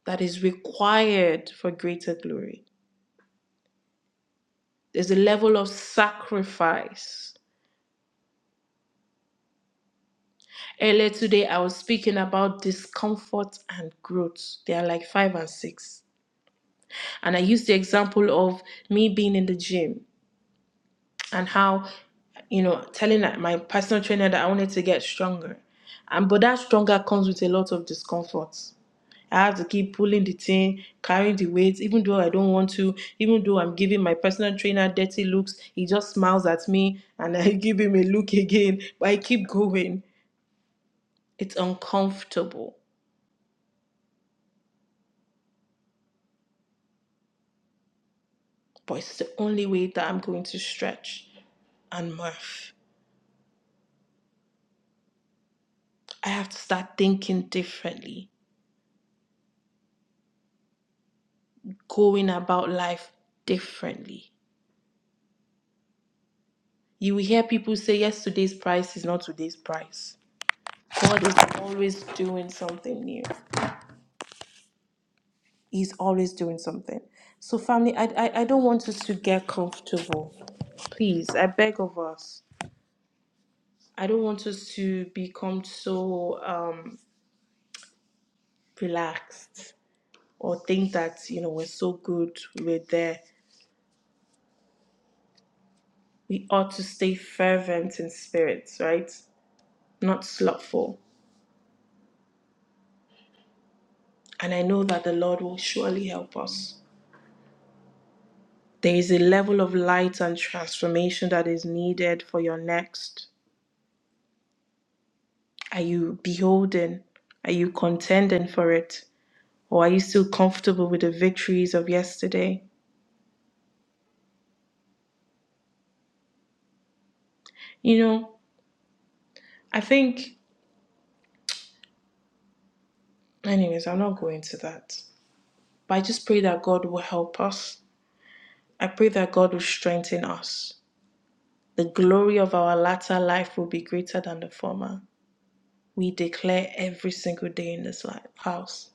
that is required for greater glory. There's a level of sacrifice Earlier today, I was speaking about discomfort and growth. They are like five and six. And I used the example of me being in the gym and how, you know, telling my personal trainer that I wanted to get stronger. And but that stronger comes with a lot of discomfort. I have to keep pulling the thing, carrying the weights, even though I don't want to, even though I'm giving my personal trainer dirty looks, he just smiles at me and I give him a look again, but I keep going. It's uncomfortable. but it's the only way that I'm going to stretch and morph. I have to start thinking differently, going about life differently. You will hear people say, Yesterday's price is not today's price. God is always doing something new. He's always doing something. So, family, I, I, I don't want us to get comfortable. Please, I beg of us. I don't want us to become so um, relaxed or think that, you know, we're so good, we're there. we ought to stay fervent in spirits, right? Not slothful. And I know that the Lord will surely help us. There is a level of light and transformation that is needed for your next. Are you beholden? Are you contending for it? Or are you still comfortable with the victories of yesterday? You know, I think, anyways, I'm not going to that. But I just pray that God will help us. I pray that God will strengthen us. The glory of our latter life will be greater than the former. We declare every single day in this life, house.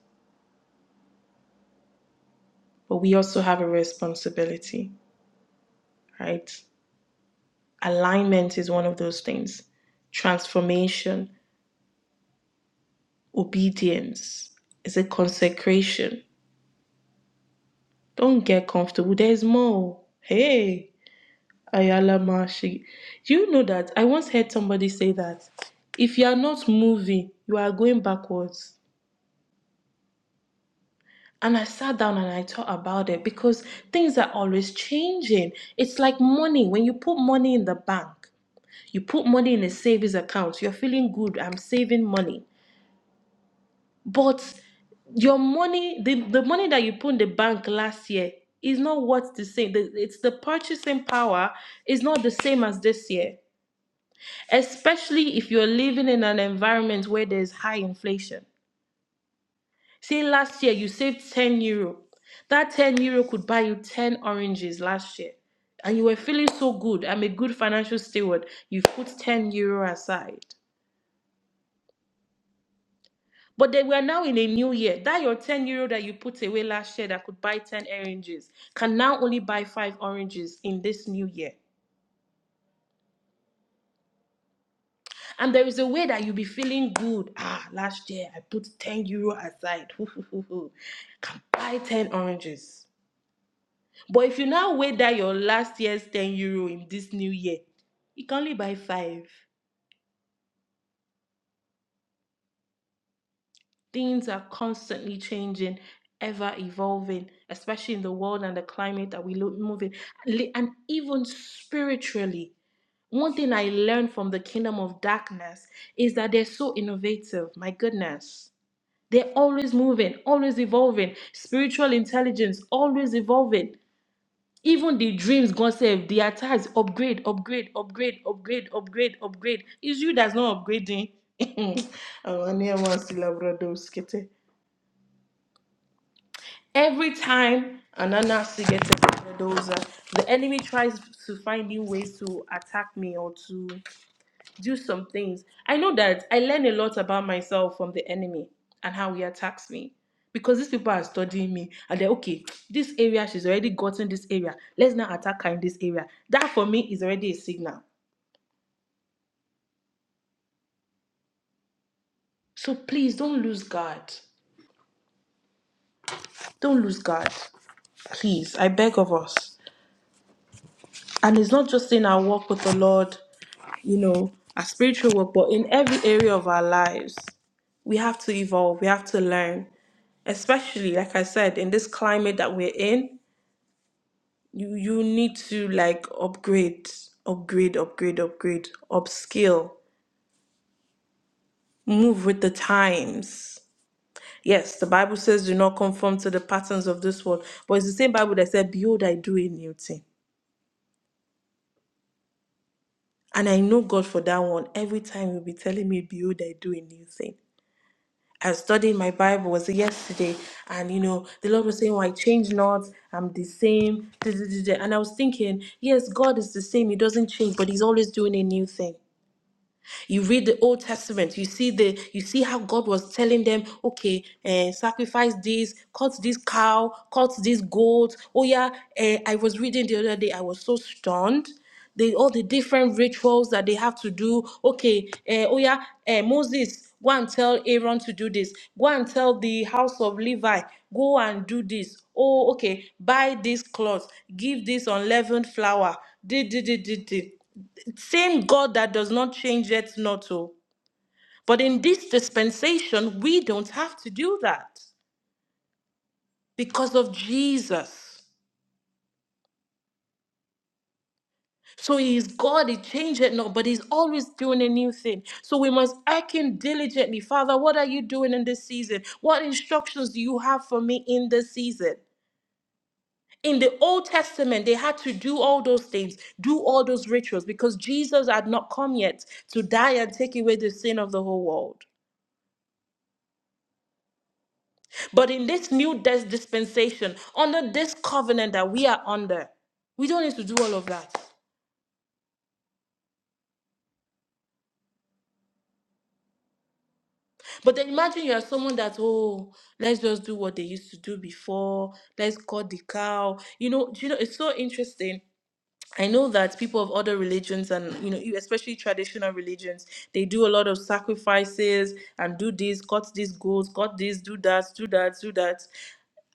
But we also have a responsibility, right? Alignment is one of those things. Transformation, obedience, is a consecration. Don't get comfortable. There's more. Hey, Ayala Mashi. You know that I once heard somebody say that if you are not moving, you are going backwards And I sat down and I thought about it because things are always changing. It's like money. When you put money in the bank, you put money in a savings account, you're feeling good, I'm saving money. But your money, the, the money that you put in the bank last year is not what's the same. The, it's the purchasing power is not the same as this year, especially if you're living in an environment where there's high inflation Say last year you saved 10 euro. That 10 euro could buy you 10 oranges last year. And you were feeling so good. I'm a good financial steward. You've put 10 euro aside. But then we are now in a new year. That your 10 euro that you put away last year that could buy 10 oranges can now only buy five oranges in this new year. And there is a way that you'll be feeling good. Ah, last year I put 10 euro aside. Can buy 10 oranges. But if you now weigh that your last year's 10 euro in this new year, you can only buy five. Things are constantly changing, ever evolving, especially in the world and the climate that we lo- move in. And even spiritually, one thing I learned from the kingdom of darkness is that they're so innovative. My goodness. They're always moving, always evolving. Spiritual intelligence, always evolving. even the dreams God save the attacks upgrade upgrade upgrade upgrade upgrade upgrade it's you that's not upgrading every time anana still get dozer, the enemy tries to find new ways to attack me or to do some things. I know that I learn a lot about myself from the enemy and how he attacks me. Because these people are studying me and they're okay, this area, she's already gotten this area. Let's now attack her in this area. That for me is already a signal. So please don't lose guard. Don't lose guard. Please, I beg of us. And it's not just in our walk with the Lord, you know, our spiritual work, but in every area of our lives, we have to evolve, we have to learn. Especially, like I said, in this climate that we're in, you, you need to like upgrade, upgrade, upgrade, upgrade, upskill, move with the times. Yes, the Bible says do not conform to the patterns of this world, but it's the same Bible that said, Behold, I do a new thing. And I know God for that one. Every time He'll be telling me, Behold, I do a new thing. I studied my Bible was yesterday, and you know, the Lord was saying, "Well, "I change not? I'm the same." duh, duh, duh, duh. And I was thinking, yes, God is the same; He doesn't change, but He's always doing a new thing. You read the Old Testament, you see the you see how God was telling them, okay, eh, sacrifice this, cut this cow, cut this goat. Oh yeah, eh, I was reading the other day, I was so stunned. The, all the different rituals that they have to do. Okay, eh, oh yeah, eh, Moses, go and tell Aaron to do this. Go and tell the house of Levi, go and do this. Oh, okay, buy this cloth, give this unleavened flour. Did, did, did, did, same God that does not change yet not to. But in this dispensation, we don't have to do that because of Jesus. So he is God, he changed it not, but he's always doing a new thing. So we must act in diligently. Father, what are you doing in this season? What instructions do you have for me in this season? In the Old Testament, they had to do all those things, do all those rituals, because Jesus had not come yet to die and take away the sin of the whole world. But in this new dis- dispensation, under this covenant that we are under, we don't need to do all of that. But then imagine you are someone that, oh, let's just do what they used to do before. Let's cut the cow. You know, do you know, it's so interesting. I know that people of other religions and you know, e- especially traditional religions, they do a lot of sacrifices and do this, cut this goat, cut this, do that, do that, do that.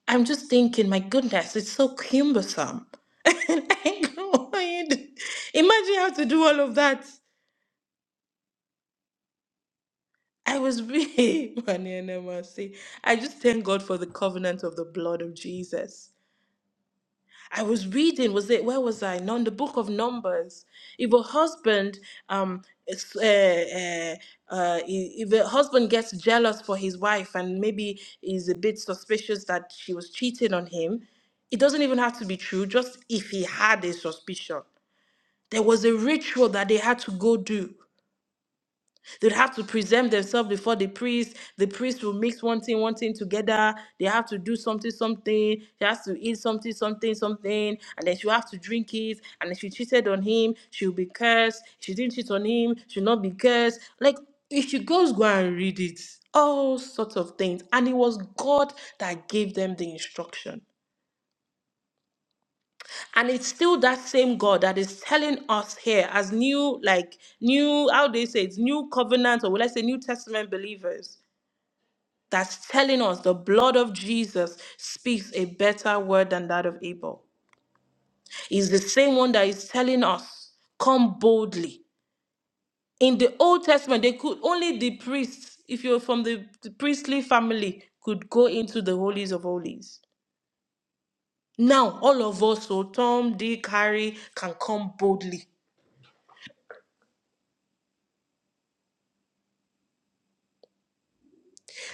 I'm just thinking, my goodness, it's so cumbersome. And I go, imagine how to do all of that. I was really funny and I must say, I just thank God for the covenant of the blood of Jesus. I was reading, was it, where was I? Non, the book of Numbers. If a husband, um, is- uh, uh, uh, if a husband gets jealous for his wife and maybe is a bit suspicious that she was cheating on him, it doesn't even have to be true, just if he had a suspicion. There was a ritual that they had to go do. They'd have to present themselves before the priest. The priest will mix one thing, one thing together. They have to do something, something. She has to eat something, something, something. And then she'll have to drink it. And if she cheated on him, she'll be cursed. If she didn't cheat on him, she'll not be cursed. Like, if she goes, go and read it. All sorts of things. And it was God that gave them the instruction. And it's still that same God that is telling us here as new, like new, how do they say it's new covenant, or let I say New Testament believers. That's telling us the blood of Jesus speaks a better word than that of Abel. It's the same one that is telling us, come boldly. In the Old Testament, they could only the priests, if you're from the, the priestly family, could go into the holies of holies. Now, all of us, so Tom, Dick, Harry, can come boldly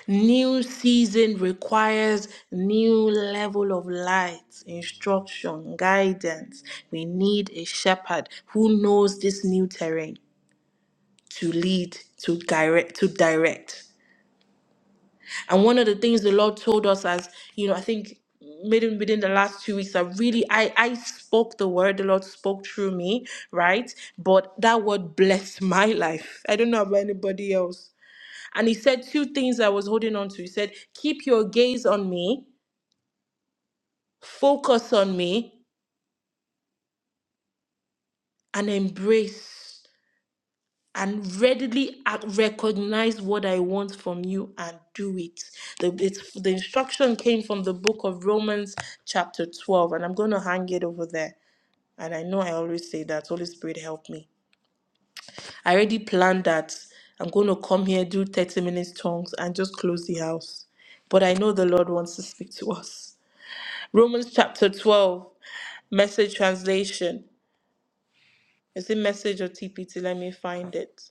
New season requires new level of light, instruction, guidance. We need a shepherd who knows this new terrain to lead, to direct, to direct. And one of the things the Lord told us as, you know, I think maybe within the last two weeks, I really I I spoke the word, the Lord spoke through me, right? But that word blessed my life. I don't know about anybody else. And he said two things I was holding on to. He said, Keep your gaze on me, focus on me, and embrace and readily ac- recognize what I want from you and do it. The, it's, the instruction came from the book of Romans, chapter 12, and I'm going to hang it over there. And I know I always say that. Holy Spirit, help me. I already planned that I'm going to come here, do 30 minutes tongues, and just close the house. But I know the Lord wants to speak to us. Romans chapter 12, message translation. Is it message or TPT? Let me find it.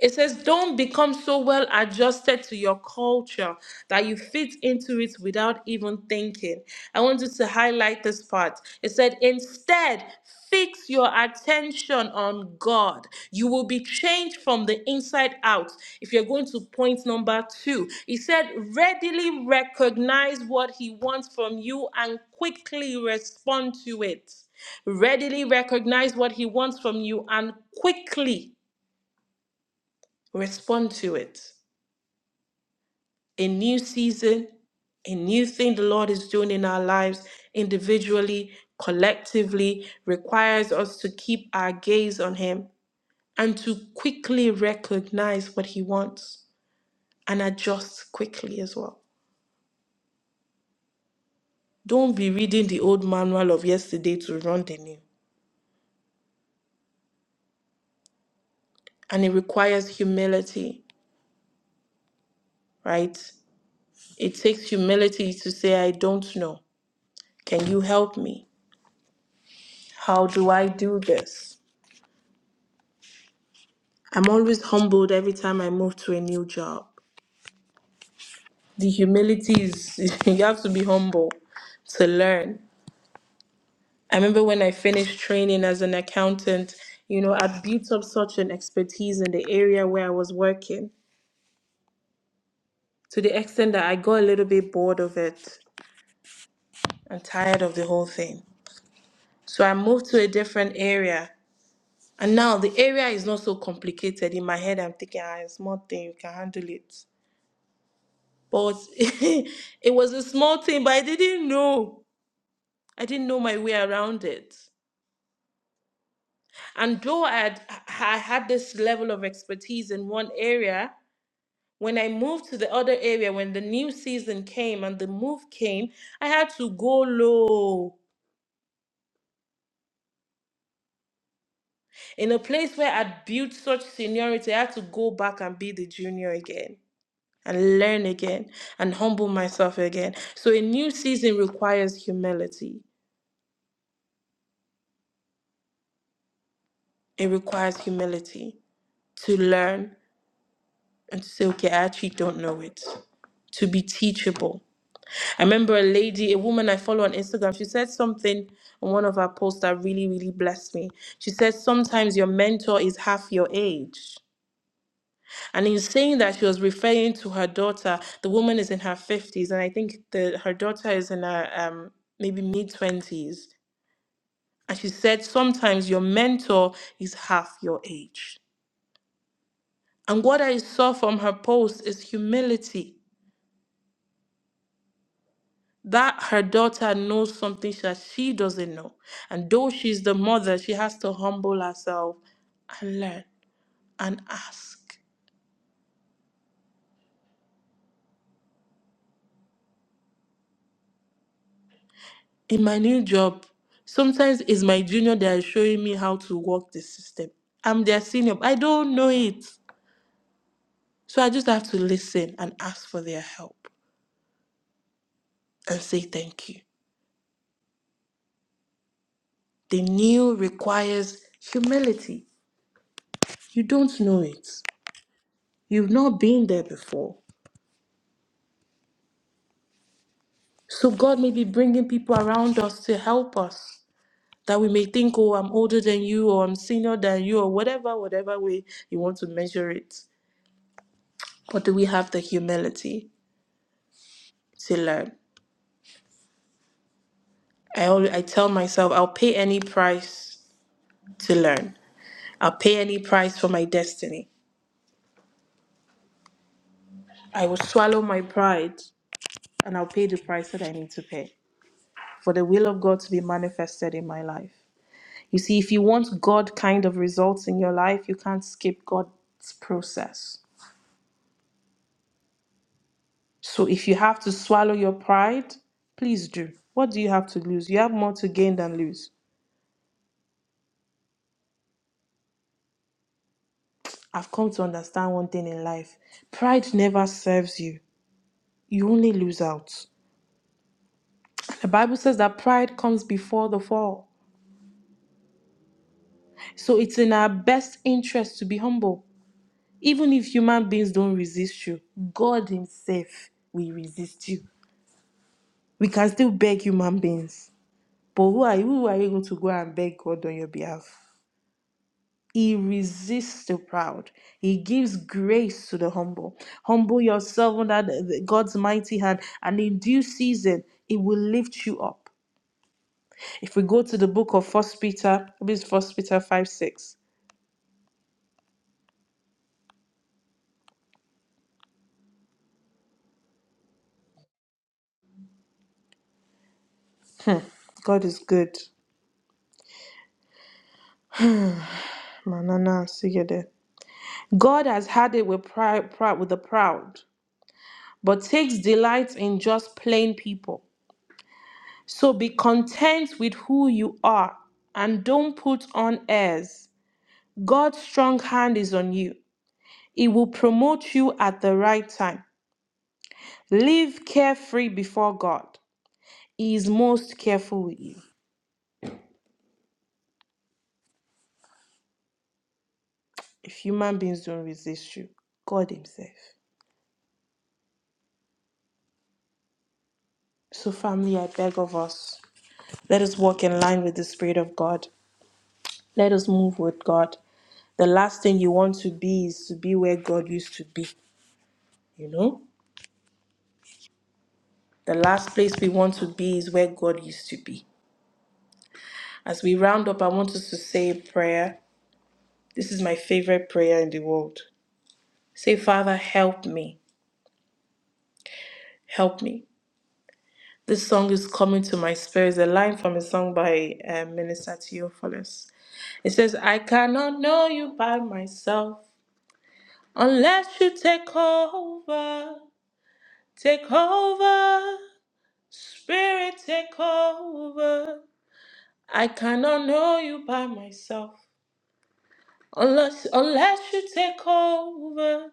It says, don't become so well adjusted to your culture that you fit into it without even thinking. I want you to highlight this part. It said, instead, fix your attention on God. You will be changed from the inside out. If you're going to point number two, he said, readily recognize what he wants from you and quickly respond to it. Readily recognize what he wants from you and quickly respond to it. A new season, a new thing the Lord is doing in our lives, individually, collectively, requires us to keep our gaze on Him and to quickly recognize what He wants and adjust quickly as well. Don't be reading the old manual of yesterday to run the new. And it requires humility, right? It takes humility to say, I don't know. Can you help me? How do I do this? I'm always humbled every time I move to a new job. The humility is, you have to be humble to learn. I remember when I finished training as an accountant, you know, I built up such an expertise in the area where I was working to the extent that I got a little bit bored of it and tired of the whole thing. So I moved to a different area. And now the area is not so complicated. In my head, I'm thinking, ah, it's small thing, you can handle it. But it was a small thing, but I didn't know. I didn't know my way around it. And though I had, I had this level of expertise in one area, when I moved to the other area, when the new season came and the move came, I had to go low. In a place where I'd built such seniority, I had to go back and be the junior again and learn again and humble myself again. So a new season requires humility. It requires humility to learn and to say, okay, I actually don't know it. To be teachable. I remember a lady, a woman I follow on Instagram, she said something on one of our posts that really, really blessed me. She said, sometimes your mentor is half your age. And in saying that, she was referring to her daughter. The woman is in her 50s, and I think the, her daughter is in her um, maybe mid 20s. And she said, sometimes your mentor is half your age. And what I saw from her post is humility that her daughter knows something that she doesn't know. And though she's the mother, she has to humble herself and learn and ask. In my new job, sometimes it's my junior that is showing me how to work the system. I'm their senior, but I don't know it. So I just have to listen and ask for their help and say thank you. The new requires humility. You don't know it. You've not been there before. So God may be bringing people around us to help us that we may think, oh, I'm older than you, or I'm senior than you, or whatever, whatever way you want to measure it. But do we have the humility to learn? I always, I tell myself I'll pay any price to learn. I'll pay any price for my destiny. I will swallow my pride and I'll pay the price that I need to pay for the will of God to be manifested in my life. You see, if you want God kind of results in your life, you can't skip God's process. So if you have to swallow your pride, please do. What do you have to lose? You have more to gain than lose. I've come to understand one thing in life pride never serves you, you only lose out. The Bible says that pride comes before the fall. So it's in our best interest to be humble. Even if human beings don't resist you, God Himself will resist you. We can still beg human beings. But who are you? Who are you going to go and beg God on your behalf? He resists the proud. He gives grace to the humble. Humble yourself under the- the- God's mighty hand, and in due season, it will lift you up. If we go to the book of First Peter, this First Peter five six. Hmm. God is good. Manana, see you there. God has had it with pride, pride with the proud, but takes delight in just plain people. So be content with who you are, and don't put on airs God's strong hand is on you. He will promote you at the right time. Live carefree before God. He is most careful with you. If human beings don't resist you, God Himself. So, family, I beg of us, let us walk in line with the Spirit of God. Let us move with God. The last thing you want to be is to be where God used to be, you know? The last place we want to be is where God used to be. As we round up, I want us to say a prayer This is my favorite prayer in the world. Say, Father, help me, help me. This song is coming to my spirit. It's a line from a song by um, Minister Theophilus. It says, I cannot know you by myself unless you take over, take over, Spirit, take over. I cannot know you by myself unless unless you take over.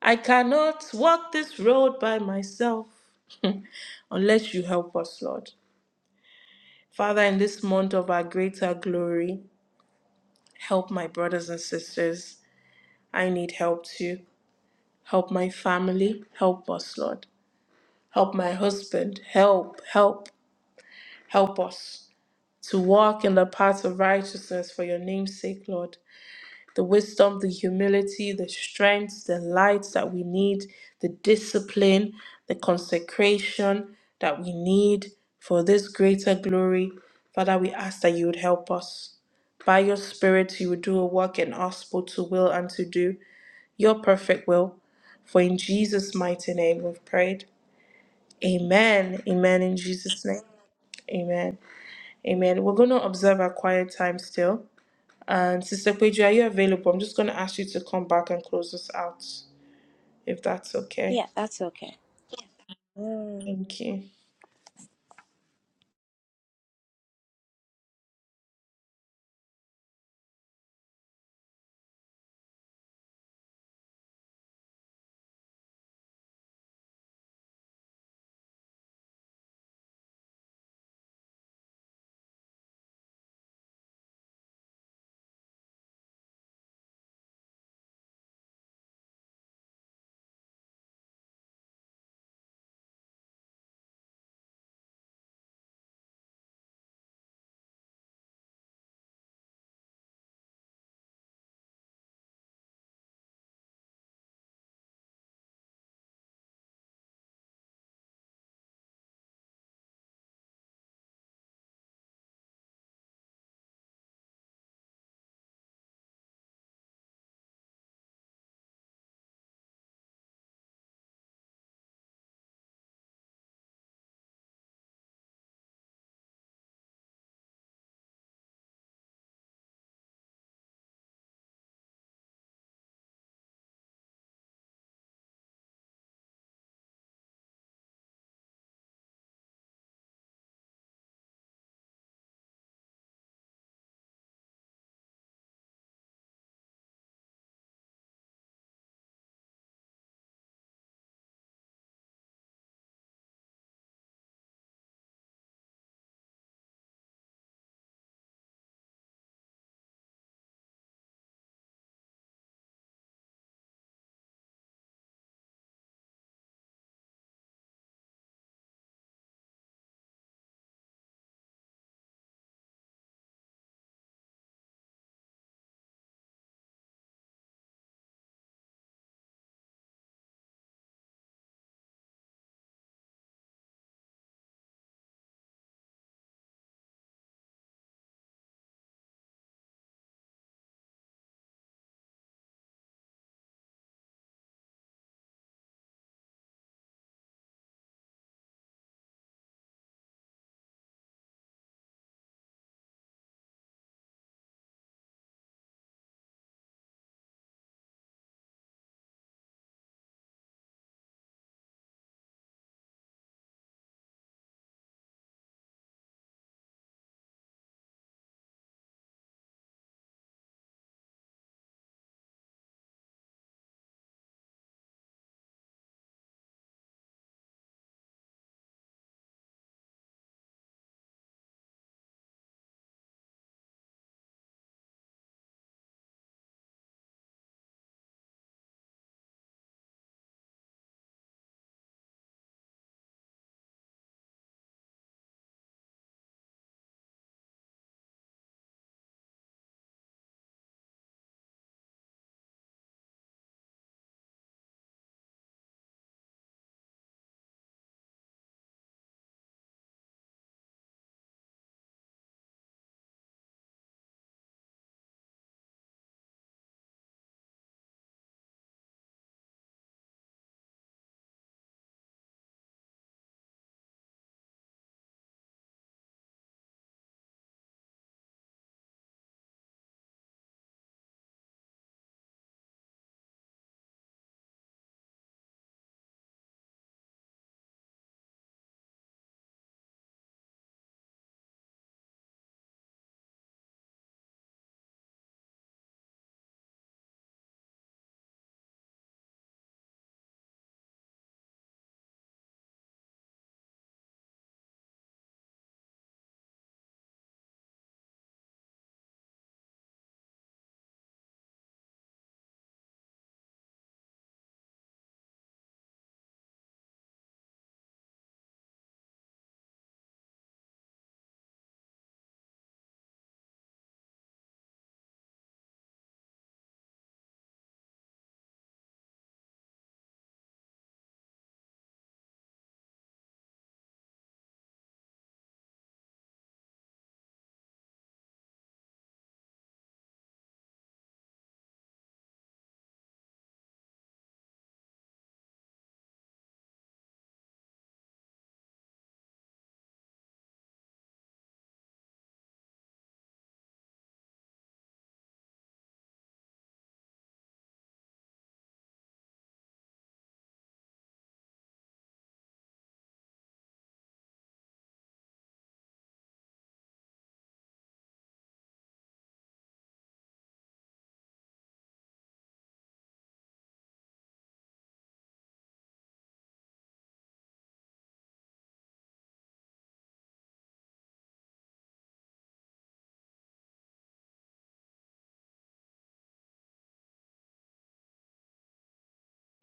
I cannot walk this road by myself unless you help us, Lord. Father, in this month of our greater glory, help my brothers and sisters. I need help too. Help my family. Help us, Lord. Help my husband. Help, help, help us to walk in the path of righteousness for your name's sake, Lord. the wisdom, the humility, the strength, the light that we need, the discipline, the consecration that we need for this greater glory. Father, we ask that you would help us. By your Spirit, you would do a work in us both to will and to do your perfect will. For in Jesus' mighty name we've prayed. Amen. Amen. In Jesus' name. Amen. Amen. We're going to observe our quiet time still. And Sister Peju, are you available? I'm just going to ask you to come back and close us out, if that's okay.
Yeah, that's okay. Mm.
Thank you.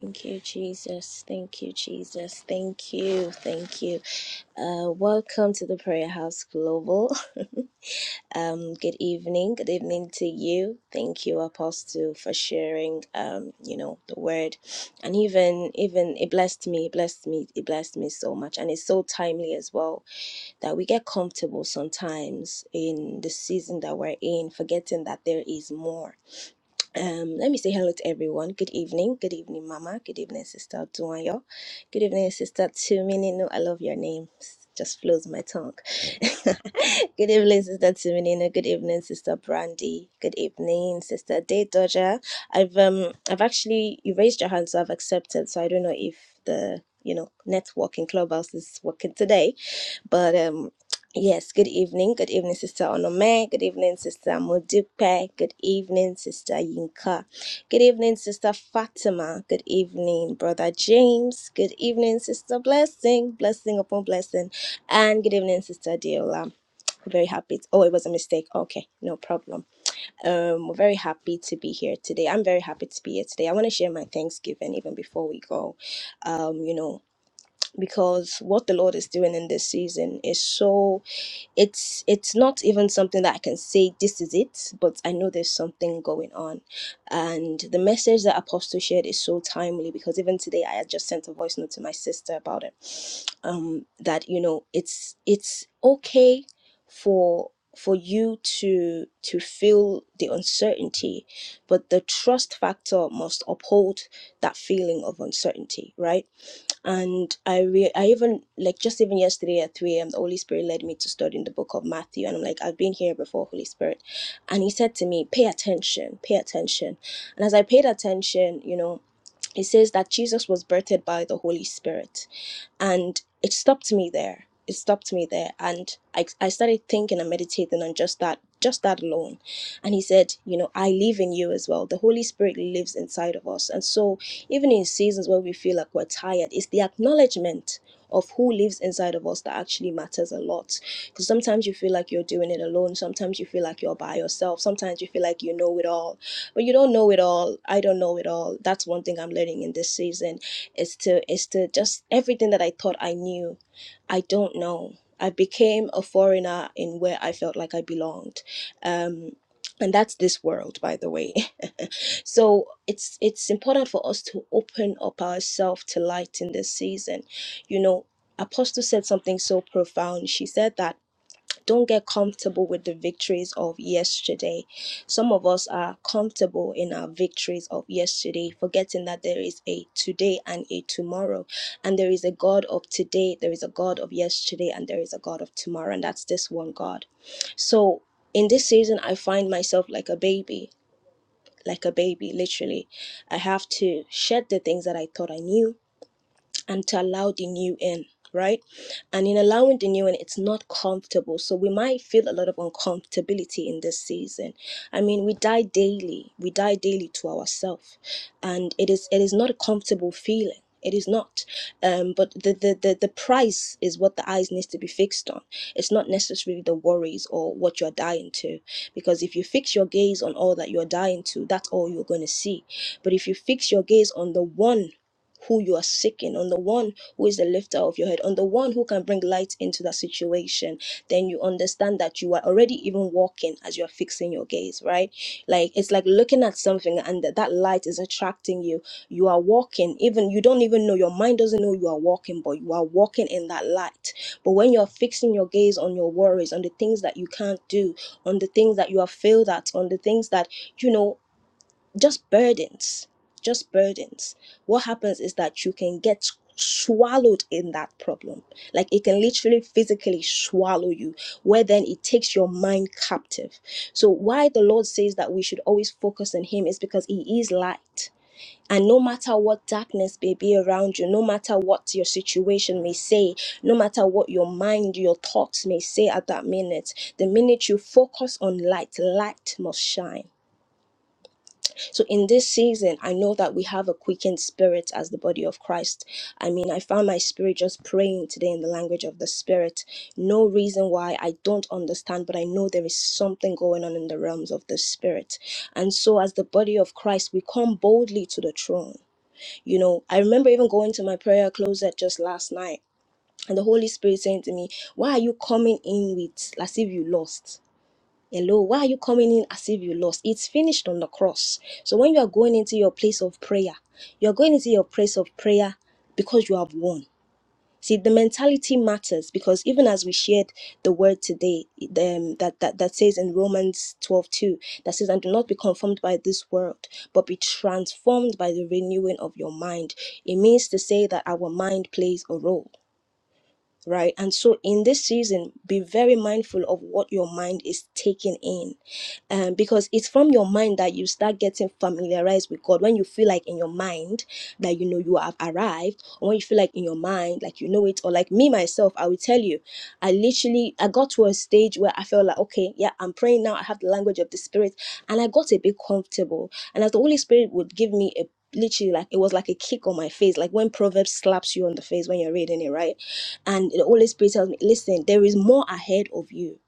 Thank you, Jesus. Thank you, Jesus. Thank you. Thank you. Uh, welcome to the Prayer House Global. Um, good evening. Good evening to you. Thank you, Apostle, for sharing. Um, you know the word, and even even it blessed me. It blessed me. It blessed me so much, and it's so timely as well that we get comfortable sometimes in the season that we're in, forgetting that there is more um, let me say hello to everyone. Good evening. Good evening, Mama. Good evening, Sister Duanyo. Good evening, Sister Tumininu. I love your name. S- Just flows my tongue. Good evening, Sister Tumininu. Good evening, Sister Brandy. Good evening, Sister Day Dodger. I've um I've actually you raised your hand, so I've accepted. So I don't know if the you know networking clubhouse is working today but um, yes, good evening. Good evening, Sister Onome. Good evening, Sister Modupe. Good evening, Sister Yinka. Good evening, Sister Fatima. Good evening, Brother James. Good evening, Sister Blessing. Blessing upon blessing. And good evening, Sister Diola. We're very happy. To, oh, it was a mistake. Okay, no problem. Um, we're very happy to be here today. I'm very happy to be here today. I want to share my Thanksgiving even before we go. Um, you know because what the lord is doing in this season is so it's it's not even something that i can say this is it but i know there's something going on and the message that apostle shared is so timely because even today i had just sent a voice note to my sister about it um that you know it's it's okay for for you to to feel the uncertainty but the trust factor must uphold that feeling of uncertainty right and I re- I even like just even yesterday at 3 a.m. the Holy Spirit led me to study in the book of Matthew and I'm like I've been here before Holy Spirit and he said to me pay attention pay attention and as I paid attention you know it says that Jesus was birthed by the Holy Spirit and it stopped me there it stopped me there and I, I started thinking and meditating on just that just that alone and he said you know i live in you as well the holy spirit lives inside of us and so even in seasons where we feel like we're tired it's the acknowledgement of who lives inside of us that actually matters a lot because sometimes you feel like you're doing it alone sometimes you feel like you're by yourself sometimes you feel like you know it all but you don't know it all i don't know it all that's one thing i'm learning in this season it's to it's to just everything that I thought I knew, I don't know. I became a foreigner in where I felt like I belonged. Um and that's this world by the way so it's it's important for us to open up ourselves to light in this season you know apostle said something so profound she said that don't get comfortable with the victories of yesterday. Some of us are comfortable in our victories of yesterday, forgetting that there is a today and a tomorrow. And there is a God of today, there is a God of yesterday, and there is a God of tomorrow. And that's this one God. So in this season, I find myself like a baby, like a baby, literally. I have to shed the things that I thought I knew and to allow the new in right and in allowing the new in it's not comfortable so we might feel a lot of uncomfortability in this season i mean we die daily we die daily to ourselves and it is it is not a comfortable feeling it is not um but the, the the the price is what the eyes needs to be fixed on it's not necessarily the worries or what you're dying to because if you fix your gaze on all that you're dying to that's all you're going to see but if you fix your gaze on the one who you are seeking, on the one who is the lifter of your head, on the one who can bring light into that situation, then you understand that you are already even walking as you are fixing your gaze, right? Like it's like looking at something and that, that light is attracting you. You are walking, even you don't even know, your mind doesn't know you are walking, but you are walking in that light. But when you're fixing your gaze on your worries, on the things that you can't do, on the things that you have failed at, on the things that, you know, just burdens just burdens what happens is that you can get swallowed in that problem like it can literally physically swallow you where then it takes your mind captive so why the lord says that we should always focus on him is because he is light and no matter what darkness may be around you, no matter what your situation may say, no matter what your mind, your thoughts may say at that minute, the minute you focus on light, light must shine so in this season, I know that we have a quickened spirit as the body of Christ. I mean, I found my spirit just praying today in the language of the spirit. No reason why I don't understand, but I know there is something going on in the realms of the spirit. And so as the body of Christ, we come boldly to the throne. You know, I remember even going to my prayer closet just last night and the Holy Spirit saying to me, Why are you coming in with as if you lost? Hello, why are you coming in as if you lost? It's finished on the cross. So when you are going into your place of prayer, you are going into your place of prayer because you have won. See, the mentality matters because even as we shared the word today, um, that, that that says in Romans twelve two that says, "And do not be conformed by this world, but be transformed by the renewing of your mind." It means to say that our mind plays a role right? And so in this season, be very mindful of what your mind is taking in. Um, because it's from your mind that you start getting familiarized with God. When you feel like in your mind that you know you have arrived, or when you feel like in your mind, like you know it, or like me myself, I will tell you, I literally I got to a stage where I felt like, okay, yeah, I'm praying now, I have the language of the spirit, and I got a bit comfortable. And as the Holy Spirit would give me a literally like it was like a kick on my face like when proverbs slaps you on the face when you're reading it right and the Holy Spirit tells me, listen, there is more ahead of you.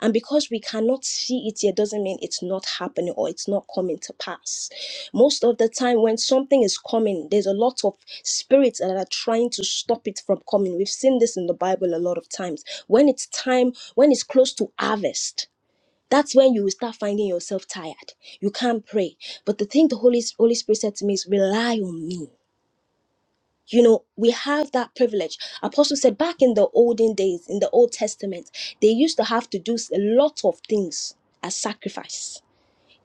And because we cannot see it yet doesn't mean it's not happening or it's not coming to pass. Most of the time, when something is coming, there's a lot of spirits that are trying to stop it from coming. We've seen this in the Bible a lot of times. When it's time, when it's close to harvest, that's when you will start finding yourself tired. You can't pray. But the thing the Holy, Holy Spirit said to me is rely on me you know, we have that privilege. Apostle said back in the olden days, in the Old Testament, they used to have to do a lot of things as sacrifice.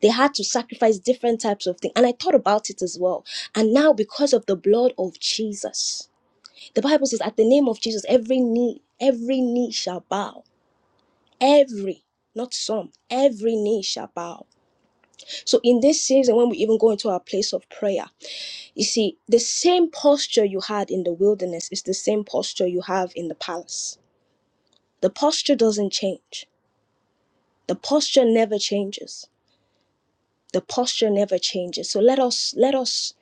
They had to sacrifice different types of things. And I thought about it as well. And now, because of the blood of Jesus, the Bible says, at the name of Jesus, every knee, every knee shall bow. Every, not some, every knee shall bow. So in this season, when we even go into our place of prayer, you see, the same posture you had in the wilderness is the same posture you have in the palace. The posture doesn't change. The posture never changes. The posture never changes. So let us let us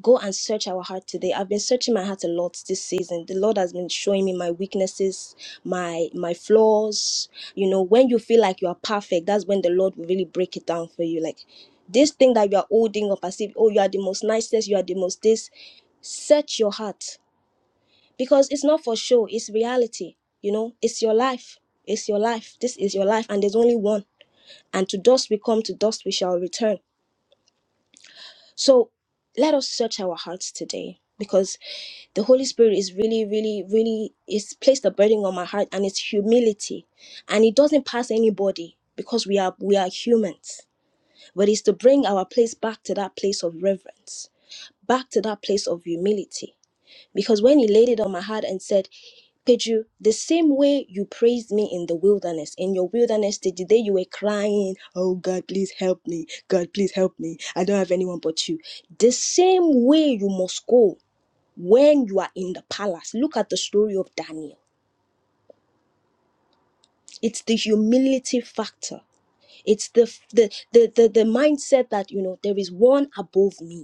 go and search our heart today. I've been searching my heart a lot this season. The Lord has been showing me my weaknesses, my my flaws. You know, when you feel like you are perfect, that's when the Lord will really break it down for you. Like this thing that you are holding up as if, oh, you are the most nicest, you are the most this. Search your heart because it's not for show it's reality you know it's your life it's your life this is your life and there's only one and to dust we come to dust we shall return so let us search our hearts today because the holy spirit is really really really is placed a burden on my heart and it's humility and it doesn't pass anybody because we are we are humans but it's to bring our place back to that place of reverence back to that place of humility because when he laid it on my heart and said, Pedro, the same way you praised me in the wilderness, in your wilderness, the day you were crying, Oh God, please help me. God, please help me. I don't have anyone but you. The same way you must go when you are in the palace. Look at the story of Daniel. It's the humility factor. It's the the the the, the mindset that you know there is one above me.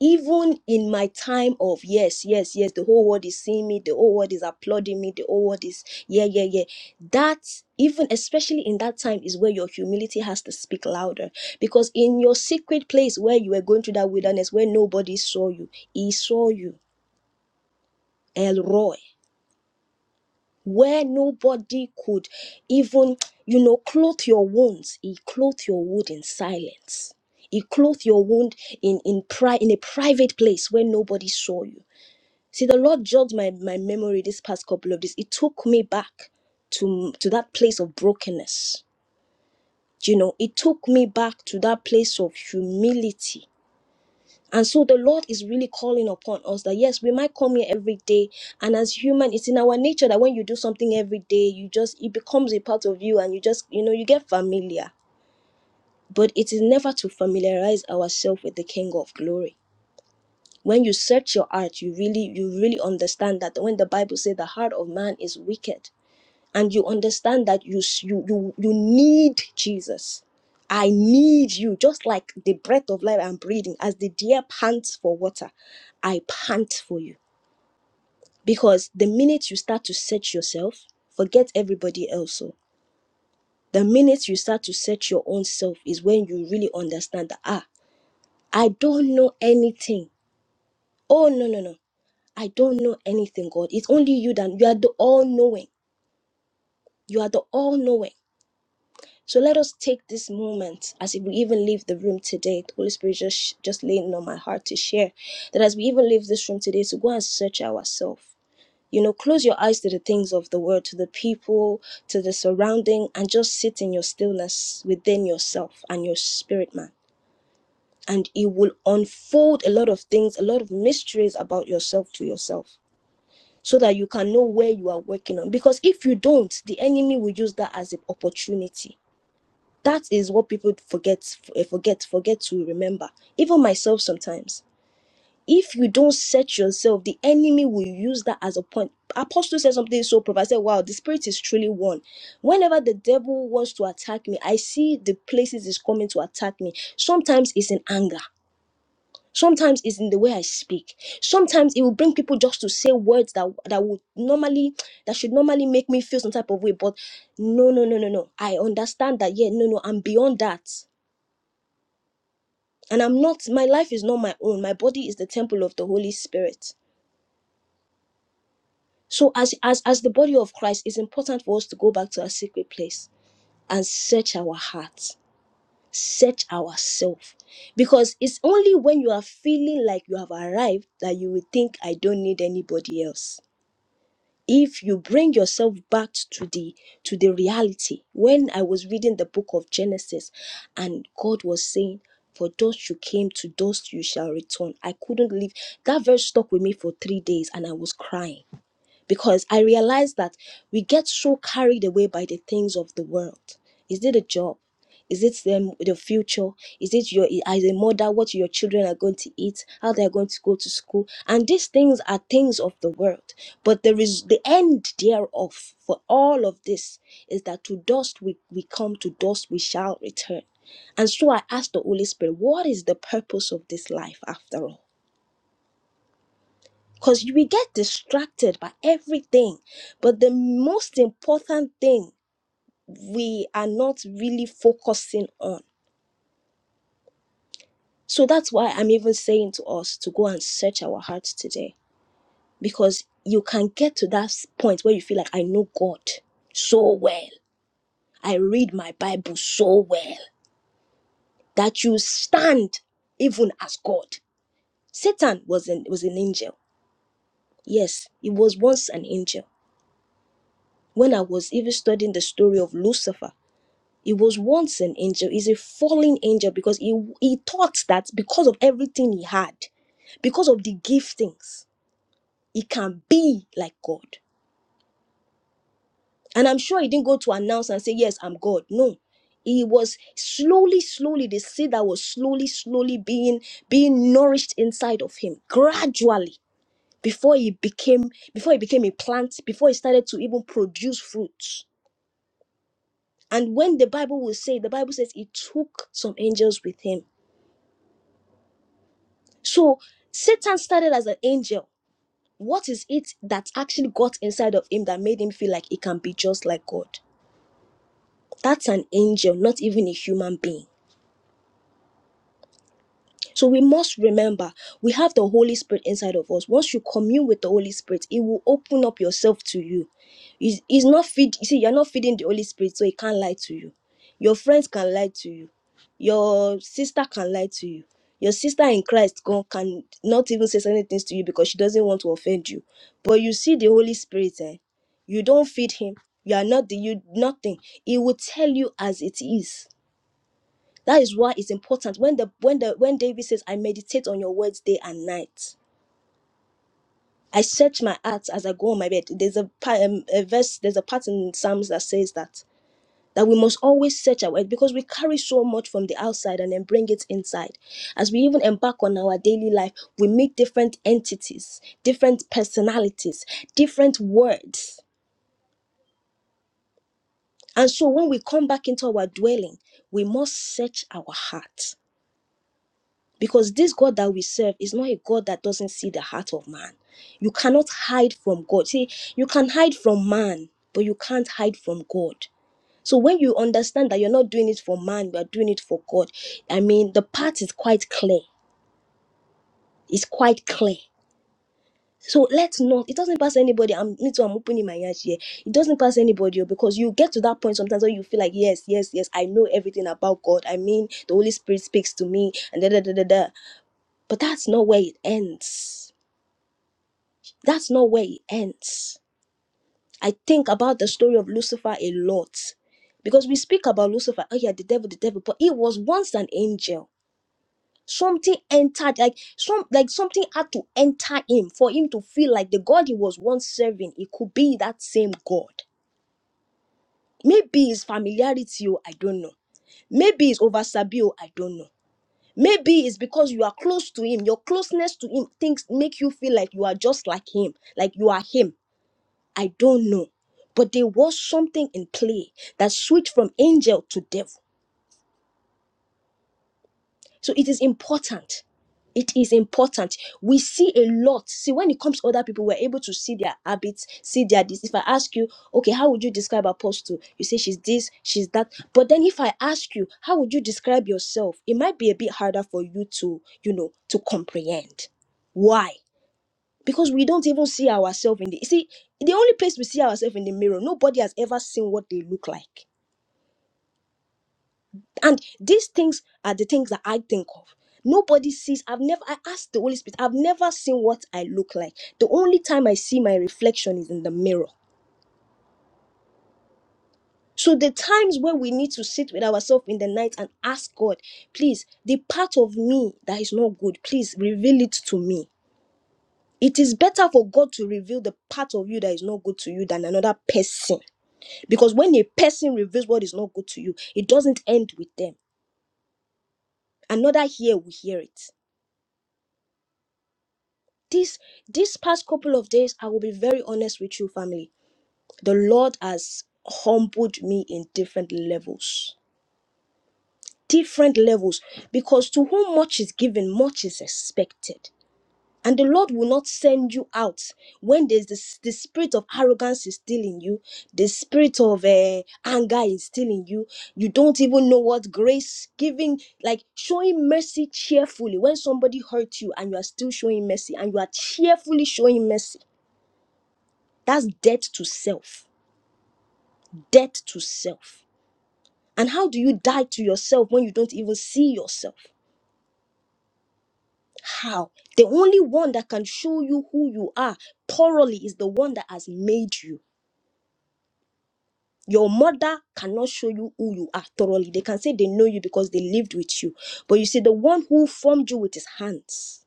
even in my time of yes yes yes the whole world is seeing me the whole world is applauding me the whole world is yeah yeah yeah that even especially in that time is where your humility has to speak louder because in your secret place where you were going through that wilderness where nobody saw you he saw you El Roy, where nobody could even you know clothe your wounds he clothed your wound in silence he clothed your wound in in pri- in a private place where nobody saw you See, the Lord jogged my, my memory this past couple of days. It took me back to, to that place of brokenness. You know, it took me back to that place of humility. And so the Lord is really calling upon us that yes, we might come here every day. And as human, it's in our nature that when you do something every day, you just it becomes a part of you and you just, you know, you get familiar. But it is never to familiarize ourselves with the King of Glory when you search your heart you really you really understand that when the bible says the heart of man is wicked and you understand that you you you, you need jesus i need you just like the breath of life i'm breathing as the deer pants for water i pant for you because the minute you start to search yourself forget everybody else so the minute you start to search your own self is when you really understand that ah i don't know anything oh no no no I don't know anything, God. It's only you that you are the all knowing. You are the all knowing. So let us take this moment as if we even leave the room today. The Holy Spirit just just laying on my heart to share that as we even leave this room today, to go and search ourselves. You know, close your eyes to the things of the world, to the people, to the surrounding, and just sit in your stillness within yourself and your spirit, man. And it will unfold a lot of things, a lot of mysteries about yourself to yourself so that you can know where you are working on. Because if you don't, the enemy will use that as an opportunity. That is what people forget, eh, forget, forget to remember. Even myself sometimes. If you don't set yourself, the enemy will use that as a point. Apostle said something so profound. I said, "Wow, the spirit is truly one." Whenever the devil wants to attack me, I see the places he's coming to attack me. Sometimes it's in anger Sometimes it's in the way I speak. Sometimes it will bring people just to say words that that would normally that should normally make me feel some type of way. But no, no, no, no, no. I understand that. Yeah, no, no. I'm beyond that, and I'm not. My life is not my own. My body is the temple of the Holy Spirit. So as as as the body of Christ, it's important for us to go back to our secret place and search our hearts, search ourselves, because it's only when you are feeling like you have arrived that you will think I don't need anybody else if you bring yourself back to the to the reality when i was reading the book of genesis and god was saying for dust you came to dust you shall return i couldn't leave. that verse stuck with me for three days and i was crying because I realize that we get so carried away by the things of the world. Is it a job? Is it the, the future? Is it your as a mother what your children are going to eat, how they are going to go to school? And these things are things of the world. But there is the end thereof for all of this is that to dust we, we come, to dust we shall return. And so I asked the Holy Spirit, what is the purpose of this life after all? because we get distracted by everything but the most important thing we are not really focusing on so that's why i'm even saying to us to go and search our hearts today because you can get to that point where you feel like i know god so well i read my bible so well that you stand even as god satan was an was an angel yes he was once an angel when i was even studying the story of lucifer He was once an angel. He's a fallen angel because he, he thought that because of everything he had, because of the giftings, he can be like God. And I'm sure he didn't go to announce and say, Yes, I'm God. No. He was slowly, slowly, the seed that was slowly, slowly being being nourished inside of him, gradually, before he became before he became a plant, before he started to even produce fruits. And when the Bible will say, the Bible says he took some angels with him So Satan started as an angel. What is it that actually got inside of him that made him feel like he can be just like God? That's an angel, not even a human being. So we must remember we have the Holy Spirit inside of us. Once you commune with the Holy Spirit, it will open up yourself to you. Is is not feed you see, you're not feeding the Holy Spirit, so he can't lie to you. Your friends can lie to you. Your sister can lie to you. Your sister in Christ can, can not even say certain things to you because she doesn't want to offend you. But you see the Holy Spirit, eh? You don't feed him. You are not the you nothing. He will tell you as it is that is why it's important when the when the when David says, "I meditate on your words day and night." I search my heart as I go on my bed. There's a, pa- um, a verse, there's a part in Psalms that says that that we must always search our word because we carry so much from the outside and then bring it inside. As we even embark on our daily life, we meet different entities, different personalities, different words. And so when we come back into our dwelling, we must search our heart Because this God that we serve is not a God that doesn't see the heart of man. You cannot hide from God. See, you can hide from man, but you can't hide from God. So when you understand that you're not doing it for man, you are doing it for God. I mean, the path is quite clear. It's quite clear. So let's not. It doesn't pass anybody. I'm me too. I'm opening my eyes here. It doesn't pass anybody oh, because you get to that point sometimes where you feel like yes, yes, yes. I know everything about God. I mean, the Holy Spirit speaks to me, and da da da da da. But that's not where it ends that's not where it ends. I think about the story of Lucifer a lot because we speak about Lucifer. Oh yeah, the devil, the devil, but he was once an angel. Something entered, like some, like something had to enter him for him to feel like the God he was once serving. It could be that same God. Maybe it's familiarity, oh, I don't know. Maybe it's over Sabi, oh I don't know. Maybe it's because you are close to him. Your closeness to him things make you feel like you are just like him, like you are him I don't know. But there was something in play that switched from angel to devil. So it is important. It is important. We see a lot. See, when it comes to other people, we're able to see their habits, see their this. If I ask you, okay, how would you describe apostle? You say she's this, she's that. But then if I ask you, how would you describe yourself? It might be a bit harder for you to, you know, to comprehend. Why? because we don't even see ourselves in the you see the only place we see ourselves in the mirror nobody has ever seen what they look like and these things are the things that i think of nobody sees i've never i asked the holy spirit i've never seen what i look like the only time i see my reflection is in the mirror so the times where we need to sit with ourselves in the night and ask god please the part of me that is not good please reveal it to me it is better for god to reveal the part of you that is not good to you than another person Because when a person reveals what is not good to you, it doesn't end with them. Another here we hear it. This this past couple of days, I will be very honest with you, family. The Lord has humbled me in different levels. Different levels. Because to whom much is given, much is expected. And the Lord will not send you out when there's this, the spirit of arrogance is still in you, the spirit of uh, anger is still in you. You don't even know what grace giving, like showing mercy cheerfully when somebody hurt you and you are still showing mercy and you are cheerfully showing mercy. That's death to self. Death to self. And how do you die to yourself when you don't even see yourself? How? The only one that can show you who you are thoroughly is the one that has made you Your mother cannot show you who you are thoroughly. They can say they know you because they lived with you. But you see, the one who formed you with his hands,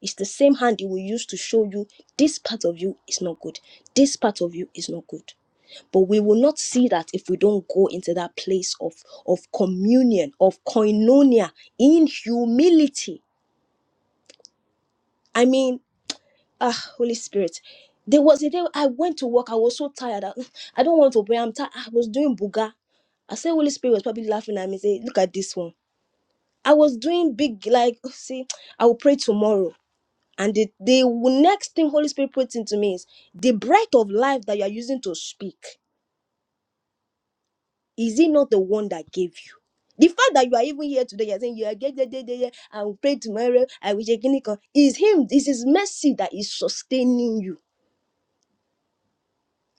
it's the same hand he will use to show you this part of you is not good. This part of you is not good. But we will not see that if we don't go into that place of, of communion, of koinonia, in humility. I mean, Ah, Holy Spirit. There was a day I went to work. I was so tired. I, I don't want to pray. I'm tired. I was doing buga. I said Holy Spirit was probably laughing at me. Say, look at this one. I was doing big like see. I will pray tomorrow. And the, the next thing Holy Spirit puts into me is the breath of life that you are using to speak. Is it not the one that gave you? The fact that you are even here today, you're saying you are get there, there, there, there, I will pray tomorrow. I will check in. Is Him, this is mercy that is sustaining you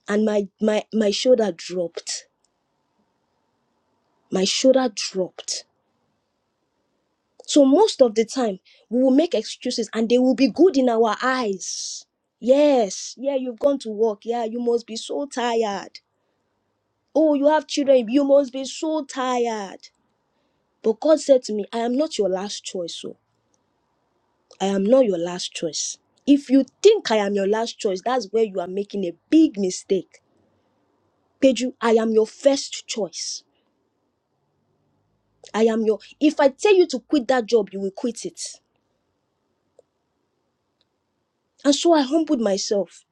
and my my my shoulder dropped my shoulder dropped so most of the time we will make excuses and they will be good in our eyes yes yeah you've gone to work yeah you must be so tired oh you have children you must be so tired but god said to me i am not your last choice so i am not your last choice if you think i am your last choice that's where you are making a big mistake peju i am your first choice I am your. If I tell you to quit that job, you will quit it. And so I humbled myself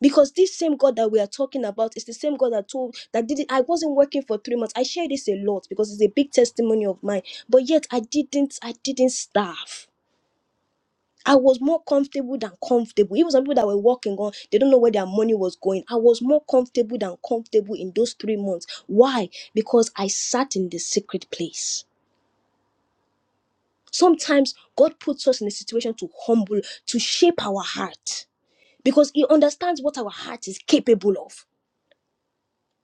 because this same God that we are talking about is the same God that told that did it. I wasn't working for three months. I share this a lot because it's a big testimony of mine. But yet I didn't. I didn't starve. I was more comfortable than comfortable. Even some people that were working on, they don't know where their money was going. I was more comfortable than comfortable in those three months. Why? Because I sat in the secret place. Sometimes God puts us in a situation to humble, to shape our heart, because He understands what our heart is capable of.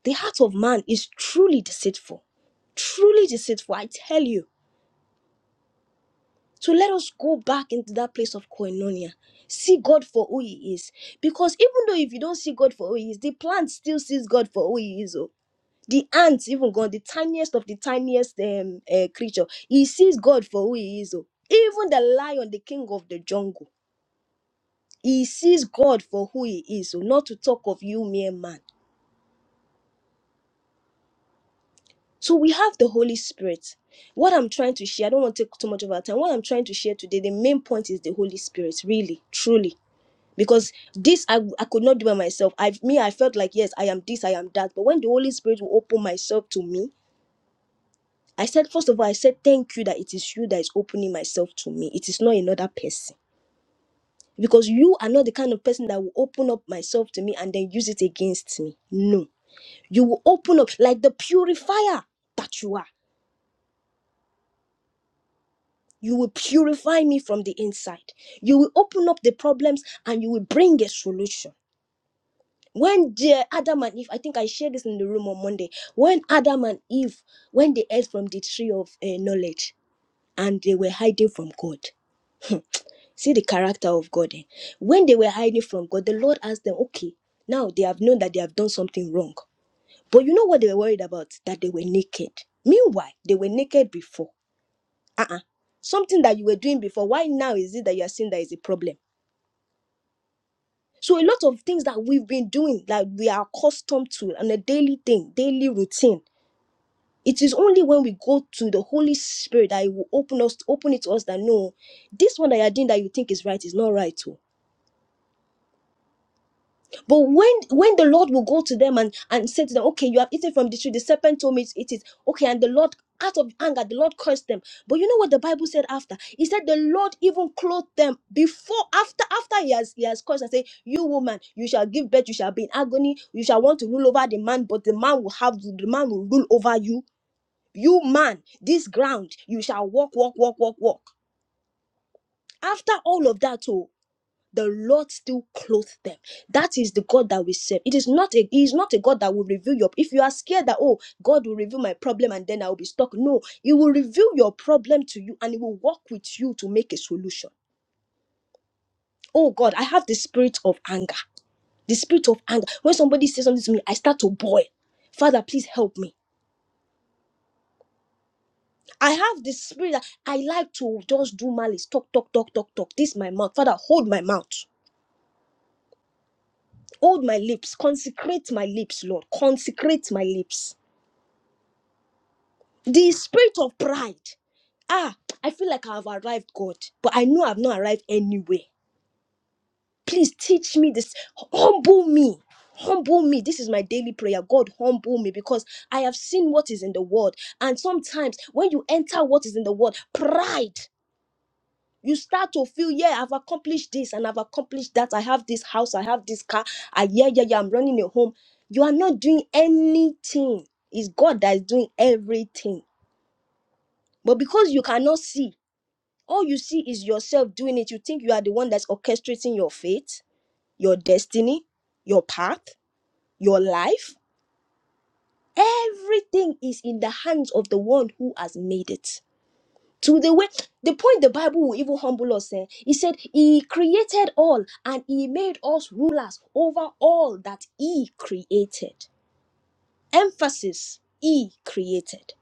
The heart of man is truly deceitful, truly deceitful, I tell you. So let us go back into that place of koinonia. See God for who He is. Because even though if you don't see God for who He is, the plant still sees God for who He is. Oh. The ants, even God, the tiniest of the tiniest um, uh, creature, he sees God for who He is. Oh. Even the lion, the king of the jungle He sees God for who he is, so not to talk of you mere man. So we have the Holy Spirit. What I'm trying to share, I don't want to take too much of our time. What I'm trying to share today, the main point is the Holy Spirit, really, truly. Because this I, I could not do by myself. I me, I felt like yes, I am this, I am that. But when the Holy Spirit will open myself to me, I said, first of all, I said thank you that it is you that is opening myself to me. It is not another person. Because you are not the kind of person that will open up myself to me and then use it against me. No You will open up like the purifier that you are. You will purify me from the inside. You will open up the problems and you will bring a solution. When the Adam and Eve, I think I shared this in the room on Monday. When Adam and Eve, when they ate from the tree of eh, knowledge and they were hiding from God, see the character of God. eh? When they were hiding from God, the Lord asked them, okay, now they have known that they have done something wrong. But you know what they were worried about? That they were naked. Meanwhile, they were naked before uh-uh. something that you were doing before why now is it that you are seeing that is a problem so a lot of things that we've been doing that we are accustomed to on a daily thing daily routine it is only when we go to the holy spirit that it will open us open it to us that no this one that you're doing that you think is right is not right Oh. But when when the Lord will go to them and, and say to them, Okay, you have eaten from the tree, the serpent told me to eat it. Okay, and the Lord, out of anger, the Lord cursed them. But you know what the Bible said after? He said the Lord even clothed them before, after, after he has he has cursed and said, You woman, you shall give birth, you shall be in agony, you shall want to rule over the man, but the man will have the man will rule over you. You man, this ground, you shall walk, walk, walk, walk, walk. After all of that, too the Lord still clothed them. That is the God that we serve. It is not a He is not a God that will reveal your. If you are scared that oh God will reveal my problem and then I will be stuck, no, He will reveal your problem to you and He will work with you to make a solution. Oh God, I have the spirit of anger. The spirit of anger. When somebody says something to me, I start to boil. Father, please help me. I have the spirit that I like to just do malice, talk, talk, talk, talk, talk. This is my mouth. Father, hold my mouth. Hold my lips. Consecrate my lips, Lord. Consecrate my lips. The spirit of pride. Ah, I feel like I've arrived, God, but I know I've not arrived anywhere. Please teach me this. Humble me. Humble me. This is my daily prayer. God, humble me because I have seen what is in the world. And sometimes when you enter what is in the world, pride. You start to feel, yeah, I've accomplished this and I've accomplished that. I have this house, I have this car. I yeah, yeah, yeah, I'm running a home. You are not doing anything. It's God that is doing everything. But because you cannot see, all you see is yourself doing it you think you are the one that's orchestrating your fate your destiny your path your life everything is in the hands of the one who has made it to the way the point the bible will even humble us eh? he said he created all and he made us rulers over all that he created emphasis he created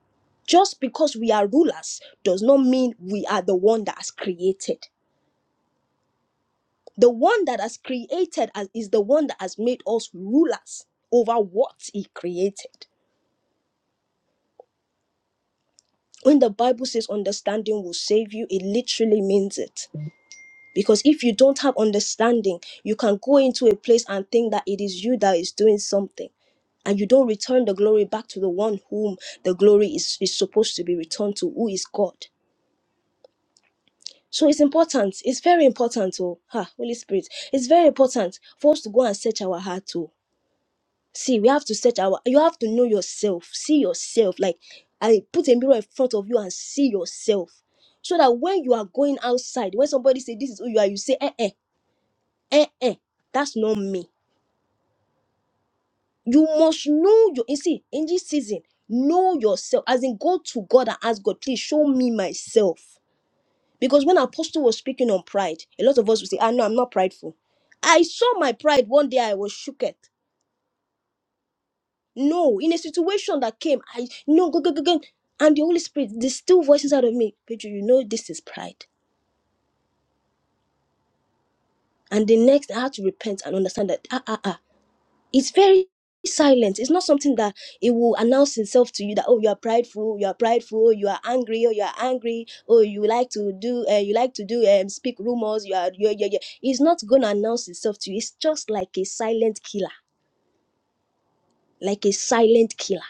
just because we are rulers does not mean we are the one that has created The one that has created us is the one that has made us rulers over what he created. When the Bible says understanding will save you, it literally means it. Because if you don't have understanding, you can go into a place and think that it is you that is doing something. And you don't return the glory back to the one whom the glory is, is supposed to be returned to, who is God. So it's important. It's very important, oh, ah, Holy Spirit. It's very important for us to go and search our heart, too see we have to search our you have to know yourself see yourself like i put a mirror in front of you and see yourself so that when you are going outside when somebody say this is who you are you say eh eh eh eh that's not me you must know your you see in this season know yourself as in go to god and ask god please show me myself because when apostle was speaking on pride a lot of us will say ah, no, i'm not prideful i saw my pride one day i was shook No, in a situation that came, I no go go go go, and the Holy Spirit, the still voice inside of me, Pedro, you know this is pride. And the next, I had to repent and understand that ah ah ah, it's very silent. It's not something that it will announce itself to you that oh you are prideful, you are prideful, you are angry, or you are angry, or you like to do, uh, you like to do um speak rumors. You are yeah yeah yeah. It's not gonna announce itself to you. It's just like a silent killer, like a silent killer.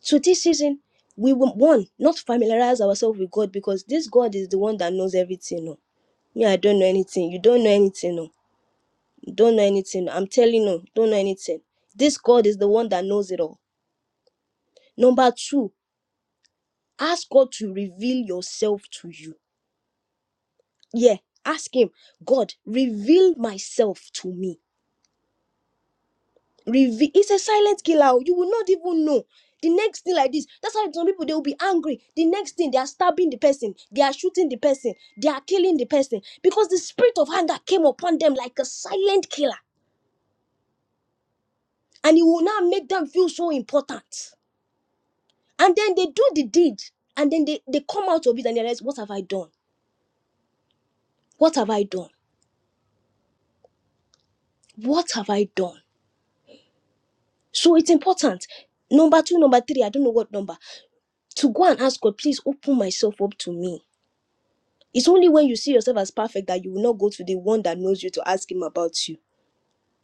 So this season, we will one not familiarize ourselves with God because this God is the one that knows everything. No, me, I don't know anything. You don't know anything. No, You don't know anything. no. I'm telling you, don't know anything. This God is the one that knows it all. Number two, ask God to reveal yourself to you. Yeah, ask Him, God, reveal myself to me reveal it's a silent killer oh. you will not even know the next thing like this that's why some people they will be angry the next thing they are stabbing the person they are shooting the person they are killing the person because the spirit of anger came upon them like a silent killer and it will now make them feel so important and then they do the deed and then they, they come out of it and they realize what have i done what have i done what have i done so it's important number two number three i don't know what number to go and ask god please open myself up to me It's only when you see yourself as perfect that you will not go to the one that knows you to ask him about you.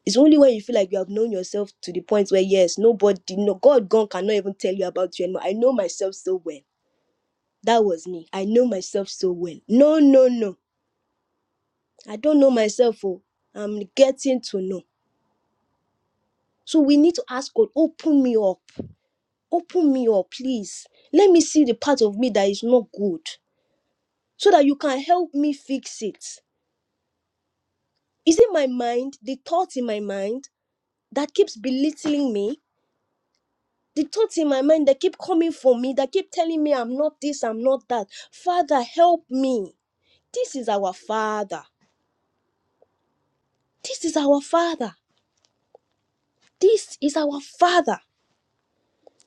It's only when you feel like you have known yourself to the point where yes, nobody, no God, gone cannot even tell you about you anymore. I know myself so well. That was me. I know myself so well. No, no, no. I don't know myself. Oh, I'm getting to know. So we need to ask God, open me up, open me up, please. Let me see the part of me that is not good, so that you can help me fix it. Is it my mind? The thoughts in my mind? that keeps belittling me, the thoughts in my mind that keep coming for me, that keep telling me I'm not this, I'm not that. Father, help me. This is our Father. This is our Father. This is our Father.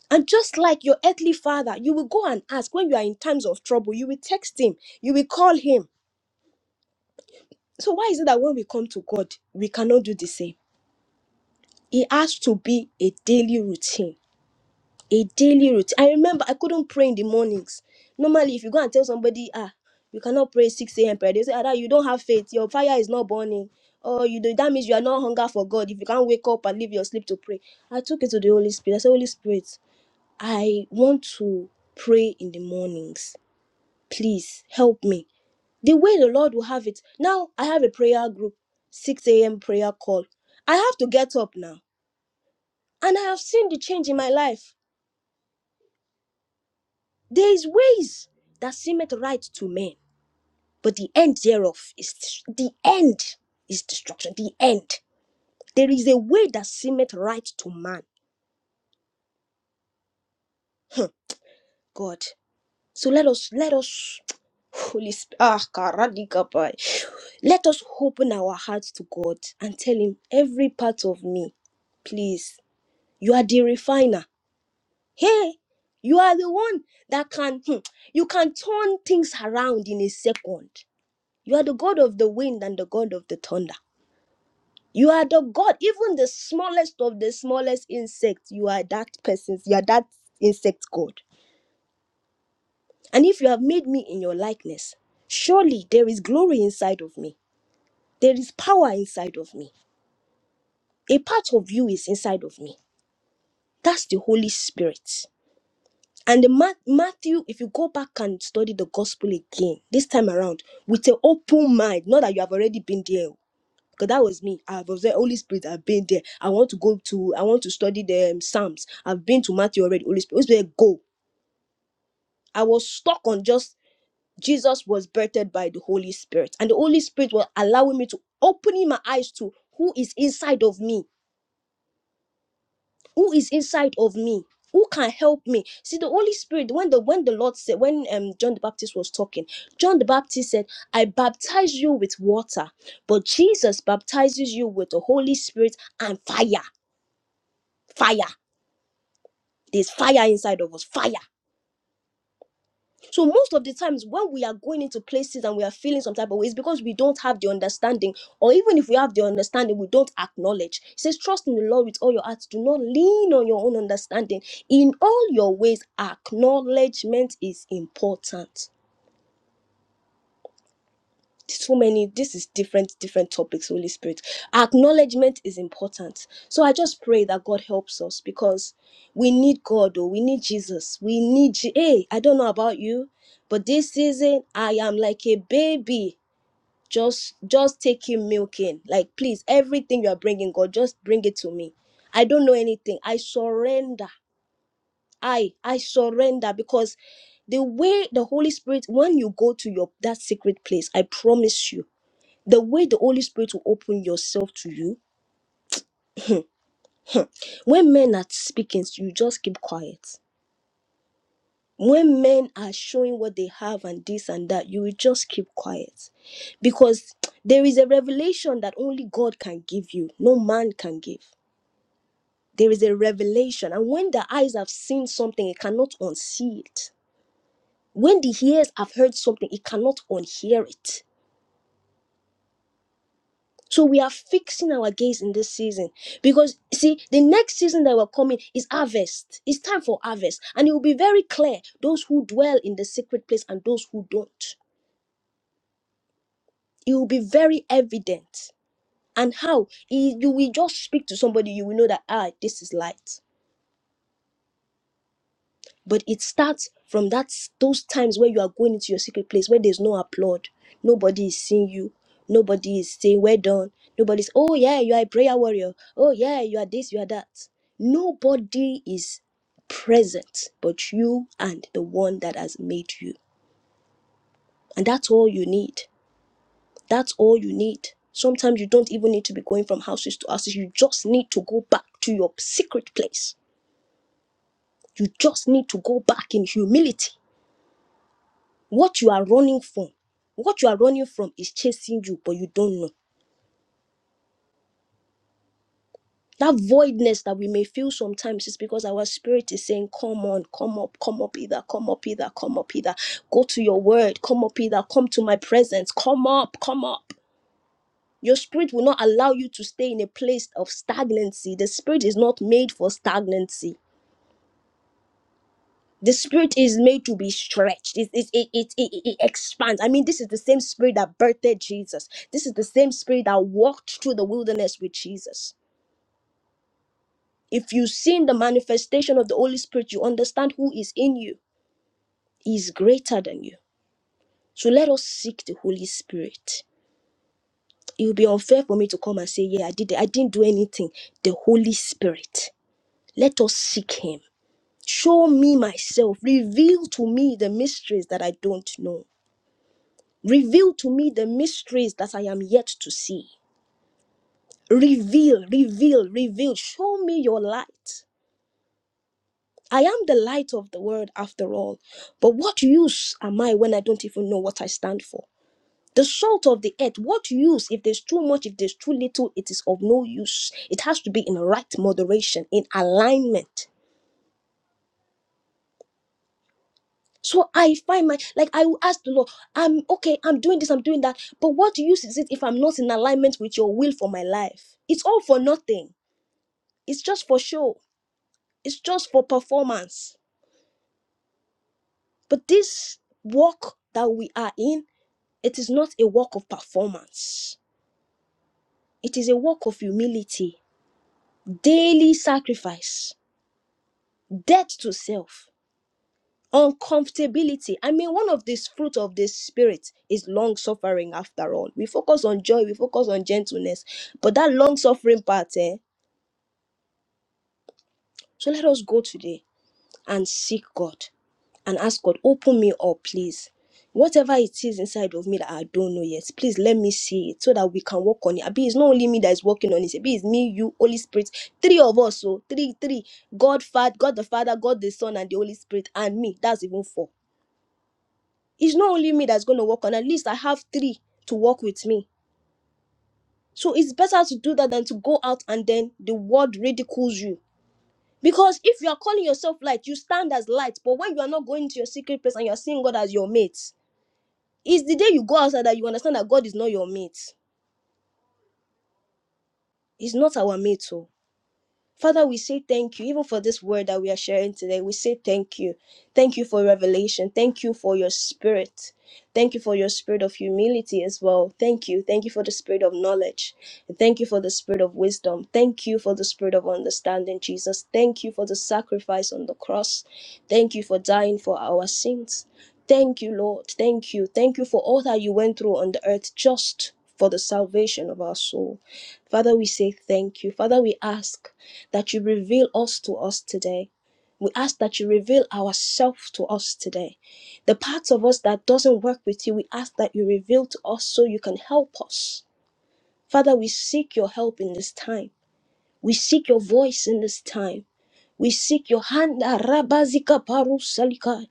And just like your earthly father, you will go and ask when you are in times of trouble, you will text him, you will call him. So, why is it that when we come to God, we cannot do the same? It has to be a daily routine a daily routine. I remember I couldn't pray in the mornings. Normally, if you go and tell somebody, ah, you cannot pray 6 a.m. prayer, they say, ah, you don't have faith, your fire is not burning. Or you do that means you are not hunger for God. If you can't wake up and leave your sleep to pray. I took it to the Holy Spirit. I said, Holy Spirit, I want to pray in the mornings. Please help me. The way the Lord will have it. Now I have a prayer group, 6 a.m. prayer call. I have to get up now. And I have seen the change in my life. There is ways that seemeth right to men, but the end thereof is the end is destruction. The end. There is a way that seemeth right to man. God. So let us let us Holy Spirit. Ah, karadika pai. Let us open our hearts to God and tell Him every part of me. Please, you are the refiner. Hey, you are the one that can, hmm, you can turn things around in a second. You are the God of the wind and the God of the thunder. You are the God, even the smallest of the smallest insects. You are that person's, you are that insect God. And if you have made me in your likeness, surely there is glory inside of me. There is power inside of me. A part of you is inside of me. That's the Holy Spirit. And the Ma- Matthew, if you go back and study the gospel again, this time around, with an open mind, not that you have already been there, because that was me. I've observed Holy Spirit. I've been there. I want to go to. I want to study the um, Psalms. I've been to Matthew already. Holy Spirit, Holy Spirit, go. I was stuck on just Jesus was birthed by the Holy Spirit, and the Holy Spirit was allowing me to opening my eyes to who is inside of me, who is inside of me, who can help me. See, the Holy Spirit. When the when the Lord said, when um John the Baptist was talking, John the Baptist said, "I baptize you with water, but Jesus baptizes you with the Holy Spirit and fire." fire there's fire inside of us fire so most of the times when we are going into places and we are feeling some type of way it's because we don't have the understanding or even if we have the understanding we don't acknowledge it says trust in the lord with all your heart do not lean on your own understanding in all your ways acknowledgement is important so many this is different different topics holy spirit acknowledgement is important so i just pray that god helps us because we need god or we need jesus we need Je- hey i don't know about you but this season i am like a baby just just taking milk in like please everything you are bringing god just bring it to me i don't know anything i surrender i i surrender because the way the holy spirit when you go to your that secret place i promise you the way the Holy Spirit will open yourself to you. When men are speaking, you just keep quiet. When men are showing what they have and this and that, you will just keep quiet. Because there is a revelation that only God can give you, no man can give. There is a revelation. And when the eyes have seen something, it cannot unsee it. When the ears have heard something, it cannot unhear it So we are fixing our gaze in this season because see the next season that we're coming is harvest. It's time for harvest, and it will be very clear those who dwell in the secret place and those who don't. It will be very evident, and how It- you will just speak to somebody, you will know that ah, this is light. but it starts from that those times where you are going into your secret place where there's no applaud nobody is seeing you nobody is saying well done nobody's oh yeah you are a prayer warrior oh yeah you are this you are that nobody is present but you and the one that has made you and that's all you need that's all you need sometimes you don't even need to be going from houses to houses you just need to go back to your secret place you just need to go back in humility What you are running from, what you are running from is chasing you, but you don't know. That voidness that we may feel sometimes is because our spirit is saying, Come on, come up, come up either, come up either, come up either. Go to your word, come up either, come to my presence, come up, come up. Your spirit will not allow you to stay in a place of stagnancy. The spirit is not made for stagnancy. the spirit is made to be stretched it, it, it, it, it, it expands i mean this is the same spirit that birthed jesus this is the same spirit that walked through the wilderness with jesus if you've seen the manifestation of the holy spirit you understand who is in you He is greater than you so let us seek the holy spirit it would be unfair for me to come and say yeah i did i didn't do anything the holy spirit let us seek him show me myself reveal to me the mysteries that i don't know Reveal to me the mysteries that I am yet to see. Reveal, reveal, reveal. Show me your light. I am the light of the world after all. But what use am I when I don't even know what I stand for? The salt of the earth, what use? If there's too much, if there's too little, it is of no use. It has to be in right moderation, in alignment. So I find my, like, I will ask the Lord, I'm okay, I'm doing this, I'm doing that, but what use is it if I'm not in alignment with your will for my life? It's all for nothing. It's just for show, it's just for performance. But this walk that we are in, it is not a walk of performance, it is a walk of humility, daily sacrifice, death to self. Uncomfortability. I mean, one of these fruit of this spirit is long suffering. After all, we focus on joy, we focus on gentleness, but that long suffering part, eh? So let us go today and seek God and ask God, open me up, please. Whatever it is inside of me that I don't know yet, please let me see it so that we can work on it. Abi, it's not only me that is working on it. Abi, it's me, you, Holy Spirit, three of us. So three, three. God, Father, God the Father, God the Son, and the Holy Spirit, and me. That's even four. It's not only me that's going to work on. At least I have three to work with me. So it's better to do that than to go out and then the world ridicules you Because if you are calling yourself light, you stand as light. But when you are not going to your secret place and you are seeing God as your mate, it's the day you go outside that you understand that God is not your mate. He's not our mate. So Father, we say thank you, even for this word that we are sharing today. We say thank you. Thank you for revelation. Thank you for your spirit. Thank you for your spirit of humility as well. Thank you. Thank you for the spirit of knowledge. And Thank you for the spirit of wisdom. Thank you for the spirit of understanding, Jesus. Thank you for the sacrifice on the cross. Thank you for dying for our sins. Thank you, Lord. Thank you. Thank you for all that you went through on the earth just for the salvation of our soul. Father, we say thank you. Father, we ask that you reveal us to us today. We ask that you reveal ourselves to us today. The parts of us that doesn't work with you, we ask that you reveal to us so you can help us. Father, we seek your help in this time. We seek your voice in this time. We seek your hand. Arabazika parusalika.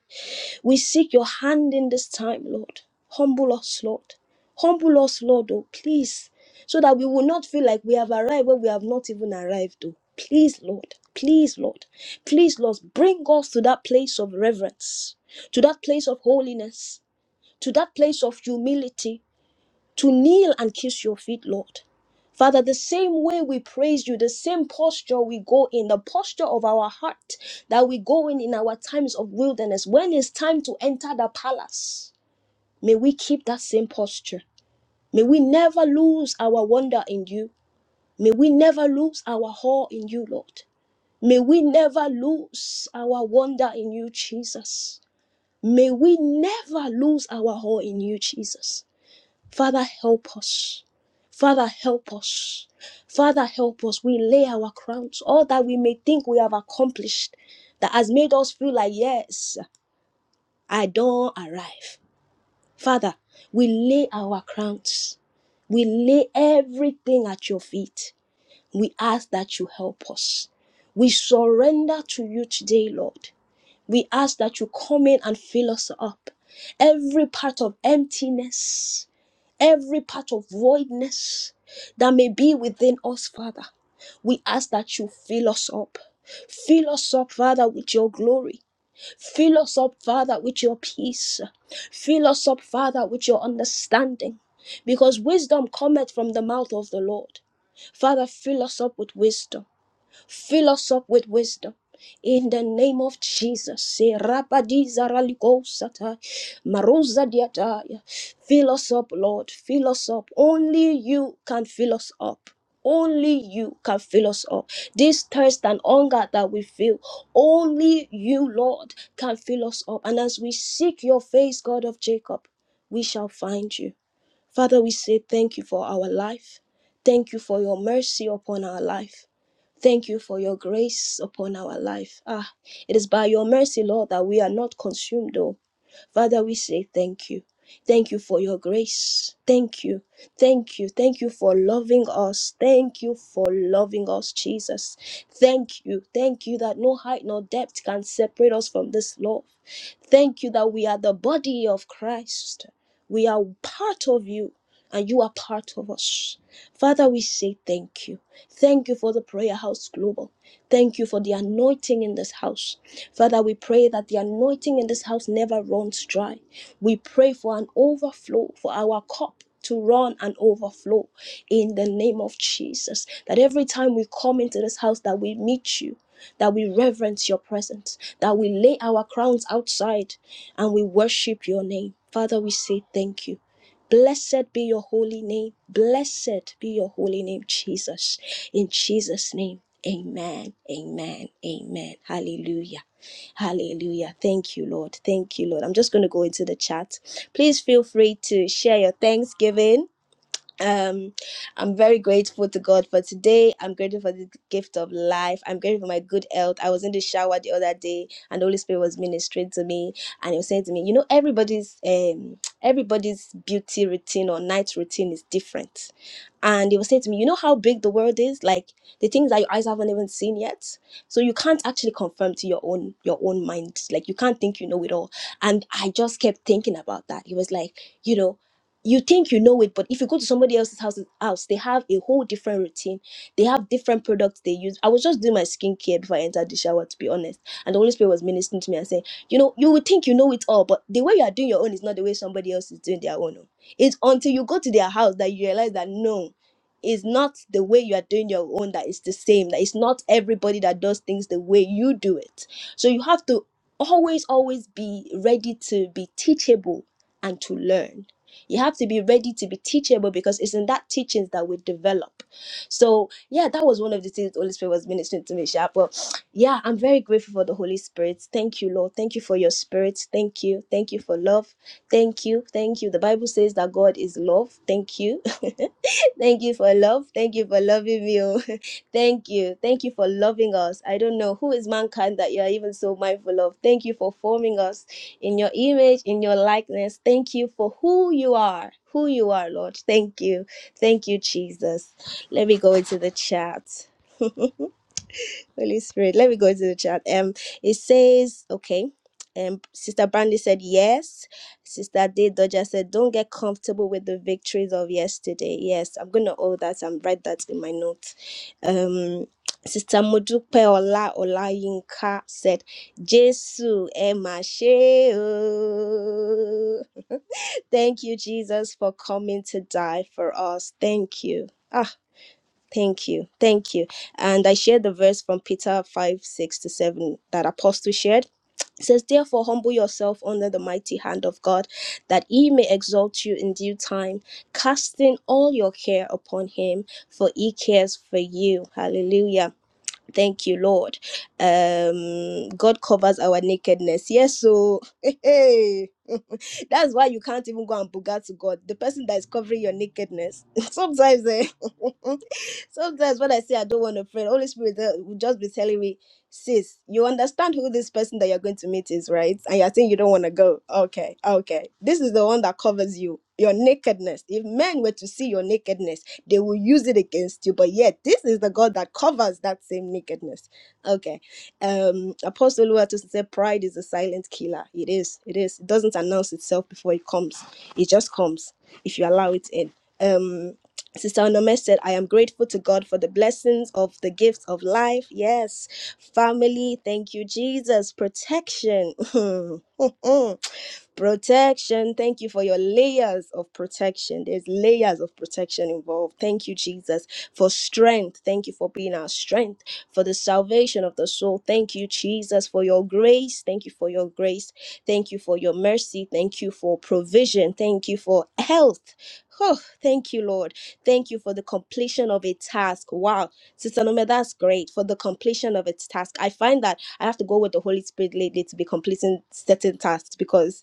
We seek your hand in this time, Lord. Humble us, Lord. Humble us, Lord, oh, please, so that we will not feel like we have arrived where we have not even arrived, oh. Please, Lord. Please, Lord. Please, Lord, bring us to that place of reverence, to that place of holiness, to that place of humility, to kneel and kiss your feet, Lord. Father, the same way we praise you, the same posture we go in, the posture of our heart that we go in in our times of wilderness, when it's time to enter the palace, may we keep that same posture. May we never lose our wonder in you. May we never lose our awe in you, Lord. May we never lose our wonder in you, Jesus. May we never lose our awe in you, Jesus. Father, help us. Father, help us. Father, help us. We lay our crowns, all that we may think we have accomplished, that has made us feel like, yes, I don't arrive. Father, we lay our crowns. We lay everything at your feet. We ask that you help us. We surrender to you today, Lord. We ask that you come in and fill us up. Every part of emptiness, every part of voidness that may be within us, Father. We ask that you fill us up. Fill us up, Father, with your glory. Fill us up, Father, with your peace. Fill us up, Father, with your understanding. Because wisdom cometh from the mouth of the Lord. Father, fill us up with wisdom. Fill us up with wisdom. In the name of Jesus, Se rapadiza ralikosata, maruza diataya. fill us up, Lord. Fill us up. Only you can fill us up. Only you can fill us up. This thirst and hunger that we feel, only you, Lord, can fill us up. And as we seek your face, God of Jacob, we shall find you. Father, we say thank you for our life. Thank you for your mercy upon our life. Thank you for your grace upon our life. Ah, it is by your mercy, Lord, that we are not consumed, oh. Father, we say thank you. Thank you for your grace. Thank you. Thank you. Thank you for loving us. Thank you for loving us, Jesus. Thank you. Thank you that no height nor depth can separate us from this love. Thank you that we are the body of Christ. We are part of you and you are part of us. Father, we say thank you. Thank you for the Prayer House Global. Thank you for the anointing in this house. Father, we pray that the anointing in this house never runs dry. We pray for an overflow for our cup to run and overflow in the name of Jesus. That every time we come into this house, that we meet you, that we reverence your presence, that we lay our crowns outside and we worship your name. Father, we say thank you. Blessed be your holy name. Blessed be your holy name, Jesus. In Jesus' name, amen, amen, amen. Hallelujah. Hallelujah. Thank you, Lord. Thank you, Lord. I'm just going to go into the chat. Please feel free to share your thanksgiving um i'm very grateful to god for today i'm grateful for the gift of life i'm grateful for my good health i was in the shower the other day and the holy spirit was ministering to me and he was saying to me you know everybody's um everybody's beauty routine or night routine is different and he was saying to me you know how big the world is like the things that your eyes haven't even seen yet so you can't actually confirm to your own your own mind like you can't think you know it all and i just kept thinking about that he was like you know you think you know it, but if you go to somebody else's house, house, they have a whole different routine. They have different products they use. I was just doing my skincare before I entered the shower, to be honest. And the Holy Spirit was ministering to me and saying, you know, you would think you know it all, but the way you are doing your own is not the way somebody else is doing their own. oh. It's until you go to their house that you realize that no, it's not the way you are doing your own that is the same. That it's not everybody that does things the way you do it. So you have to always, always be ready to be teachable and to learn you have to be ready to be teachable because it's in that teachings that we develop. So yeah, that was one of the things the Holy Spirit was ministering to me, Sha. But yeah, I'm very grateful for the Holy Spirit. Thank you, Lord. Thank you for your spirit. Thank you. Thank you for love. Thank you. Thank you. The Bible says that God is love. Thank you. Thank you for love. Thank you for loving me. oh. Thank you. Thank you for loving us. I don't know who is mankind that you are even so mindful of. Thank you for forming us in your image, in your likeness. Thank you for who you are. Who you are, Lord. Thank you. Thank you, Jesus. Let me go into the chat. Holy Spirit, let me go into the chat. Um, it says, okay. Um, Sister Brandy said yes. Sister D Dodger said, "Don't get comfortable with the victories of yesterday." Yes, I'm gonna hold that and write that in my notes. Um, Sister Modupe Ola Ola Yinka said, "Jesu, Emma Sheo." Thank you, Jesus, for coming to die for us. Thank you. Ah, Thank you. Thank you. And I shared the verse from Peter 5 6 to 7 that Apostle shared. It says, Therefore, humble yourself under the mighty hand of God, that he may exalt you in due time, casting all your care upon him, for he cares for you. Hallelujah. Thank you, Lord. Um, God covers our nakedness. Yes, so hey, hey. that's why you can't even go and bugger to God. The person that is covering your nakedness. sometimes, eh, sometimes when I say I don't want to pray, Holy Spirit eh, will just be telling me, sis, you understand who this person that you're going to meet is, right? And you're saying you don't want to go. Okay, okay. This is the one that covers you, your nakedness. If men were to see your nakedness, they will use it against you. But yet, this is the God that covers that same nakedness. Okay. Um, Apostle Luatus said, Pride is a silent killer. It is. It is. It doesn't announce itself before it comes, it just comes if you allow it in. Um, Sister Onome said, I am grateful to God for the blessings of the gifts of life. Yes. Family, thank you, Jesus. Protection. Protection. Thank you for your layers of protection. There's layers of protection involved. Thank you, Jesus, for strength. Thank you for being our strength, for the salvation of the soul. Thank you, Jesus, for your grace. Thank you for your grace. Thank you for your mercy. Thank you for provision. Thank you for health. Oh, thank you, Lord. Thank you for the completion of a task. Wow. Sister Nome, that's great for the completion of its task. I find that I have to go with the Holy Spirit lately to be completing certain tasks because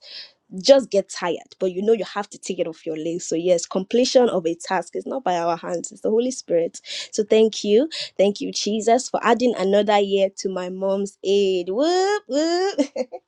just get tired, but you know you have to take it off your list. So, yes, completion of a task is not by our hands, it's the Holy Spirit. So, thank you. Thank you, Jesus, for adding another year to my mom's aid. Whoop, whoop.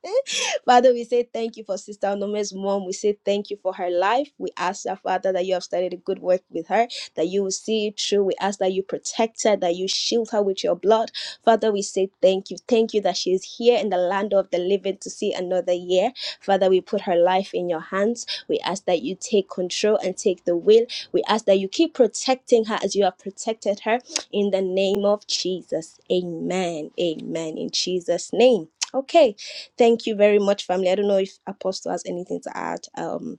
Father, we say thank you for Sister Onome's mom. We say thank you for her life. We ask that, Father, that you have started a good work with her, that you will see it through. We ask that you protect her, that you shield her with your blood. Father, we say thank you. Thank you that she is here in the land of the living to see another year. Father, we put her life in your hands. We ask that you take control and take the wheel. We ask that you keep protecting her as you have protected her in the name of Jesus. Amen. Amen. In Jesus' name. Okay. Thank you very much, family. I don't know if Apostle has anything to add. Um,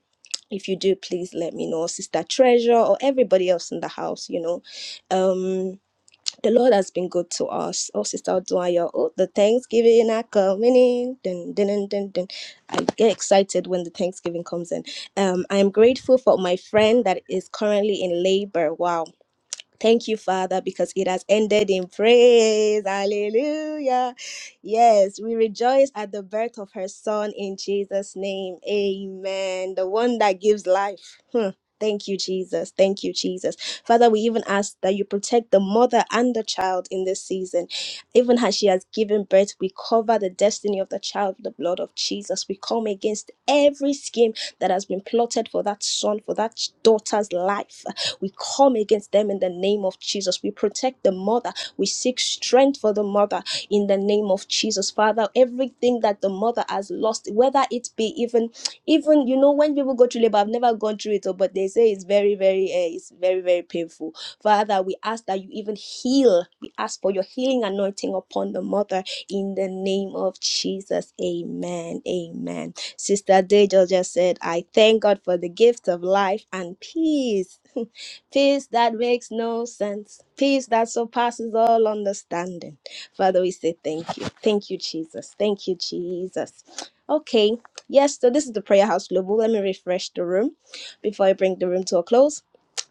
if you do, please let me know, Sister Treasure, or everybody else in the house. You know, um, the Lord has been good to us. Oh, Sister Odunayo, oh, the Thanksgiving are coming in. Dun, dun, dun, dun, dun. I get excited when the Thanksgiving comes in. Um, I am grateful for my friend that is currently in labor. Wow Thank you, Father, because it has ended in praise. Hallelujah. Yes, we rejoice at the birth of her son in Jesus' name. Amen. The one that gives life. Hmm. Thank you, Jesus. Thank you, Jesus. Father, we even ask that you protect the mother and the child in this season. Even as she has given birth, we cover the destiny of the child with the blood of Jesus. We come against every scheme that has been plotted for that son, for that daughter's life we come against them in the name of Jesus. We protect the mother. We seek strength for the mother in the name of Jesus. Father, everything that the mother has lost, whether it be even, even, you know, when people go through labor, I've never gone through it, oh, but they say it's very, very, uh, it's very, very painful. Father, we ask that you even heal. We ask for your healing anointing upon the mother in the name of Jesus. Amen. Amen. Sister Dejo just said, I thank God for the gift of life and peace. peace that makes no sense, peace that surpasses all understanding. Father, we say thank you. Thank you, Jesus. Thank you, Jesus. Okay, yes, so this is the Prayer House Global. Let me refresh the room before I bring the room to a close.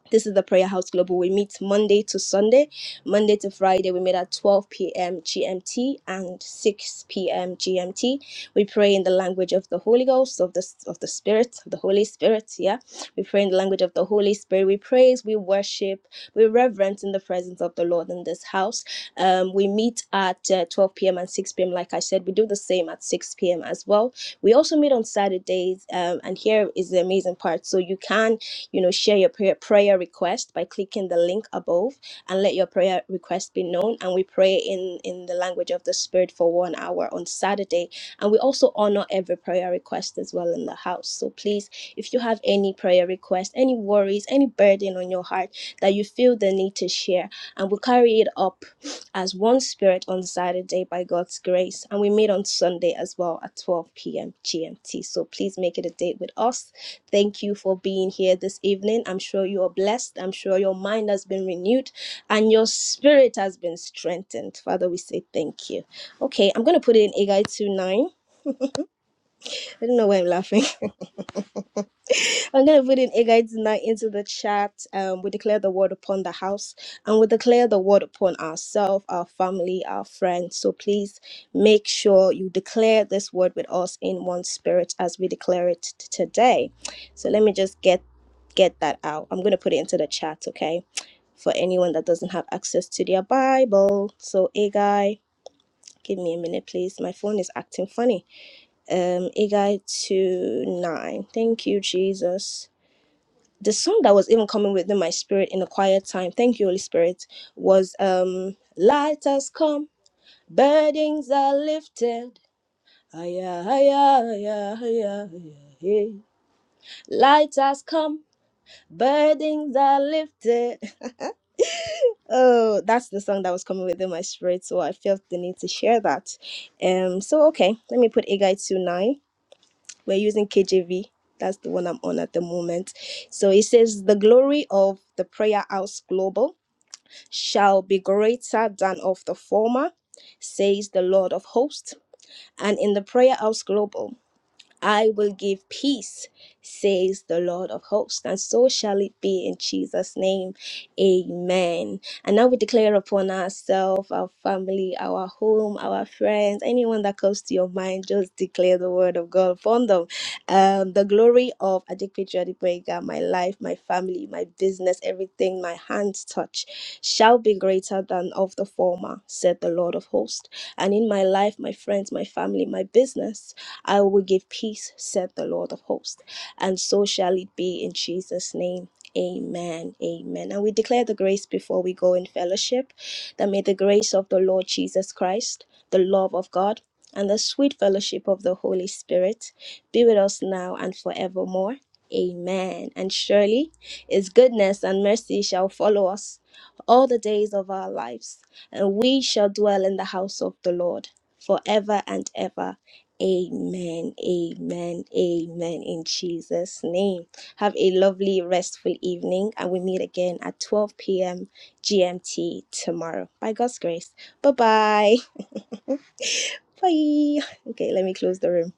This is the Prayer House Global. We meet Monday to Sunday, Monday to Friday. We meet at 12 p.m. GMT and 6 p.m. GMT. We pray in the language of the Holy Ghost, of the of the Spirit, of the Holy Spirit. Yeah, we pray in the language of the Holy Spirit. We praise, we worship, we reverence in the presence of the Lord in this house. Um, we meet at uh, 12 p.m. and 6 p.m. Like I said, we do the same at 6 p.m. as well. We also meet on Saturdays, um, and here is the amazing part. So you can you know, share your prayer, prayer request by clicking the link above and let your prayer request be known. And we pray in, in the language of the Spirit for one hour on Saturday. And we also honor every prayer request as well in the house. So please, if you have any prayer request, any worries, any burden on your heart that you feel the need to share, and we carry it up as one spirit on Saturday by God's grace. And we meet on Sunday as well at 12 p.m. GMT. So please make it a date with us Thank you for being here this evening. I'm sure you are blessed. I'm sure your mind has been renewed and your spirit has been strengthened. Father, we say thank you. Okay, I'm going to put it in Agai 2 9. I don't know why I'm laughing. I'm going to put in Agagite 9 into the chat. Um, we declare the word upon the house and we declare the word upon ourselves, our family, our friends. So please make sure you declare this word with us in one spirit as we declare it t- today. So let me just get get that out. I'm going to put it into the chat, okay? For anyone that doesn't have access to their Bible. So Agai, give me a minute, please. My phone is acting funny. Um, Agai 2 9. Thank you, Jesus the song that was even coming within my spirit in a quiet time, thank you, Holy Spirit, was um Light has come, burdens are lifted. Aya, aya, aya, aya, aya, hey. Light has come, burdens are lifted. Oh, that's the song that was coming within my spirit, so I felt the need to share that. Um, so okay, let me put Agai to nine. We're using KJV. That's the one I'm on at the moment. So it says the glory of the prayer house global shall be greater than of the former, says the Lord of hosts. And in the Prayer House Global, I will give peace, says the Lord of hosts, and so shall it be in Jesus' name. Amen. And now we declare upon ourselves, our family, our home, our friends, anyone that comes to your mind, just declare the word of God upon them. Um, the glory of Adikpiju Adipwega, my life, my family, my business, everything my hands touch shall be greater than of the former, said the Lord of hosts. And in my life, my friends, my family, my business, I will give peace, said the Lord of hosts. And so shall it be in Jesus' name. Amen. Amen. And we declare the grace before we go in fellowship that may the grace of the Lord Jesus Christ, the love of God, and the sweet fellowship of the Holy Spirit be with us now and forevermore. Amen. And surely his goodness and mercy shall follow us all the days of our lives, and we shall dwell in the house of the Lord forever and ever. Amen, amen, amen. In Jesus' name. Have a lovely, restful evening, and we meet again at 12 p.m. GMT tomorrow by God's grace. Bye bye. Bye. Okay, let me close the room.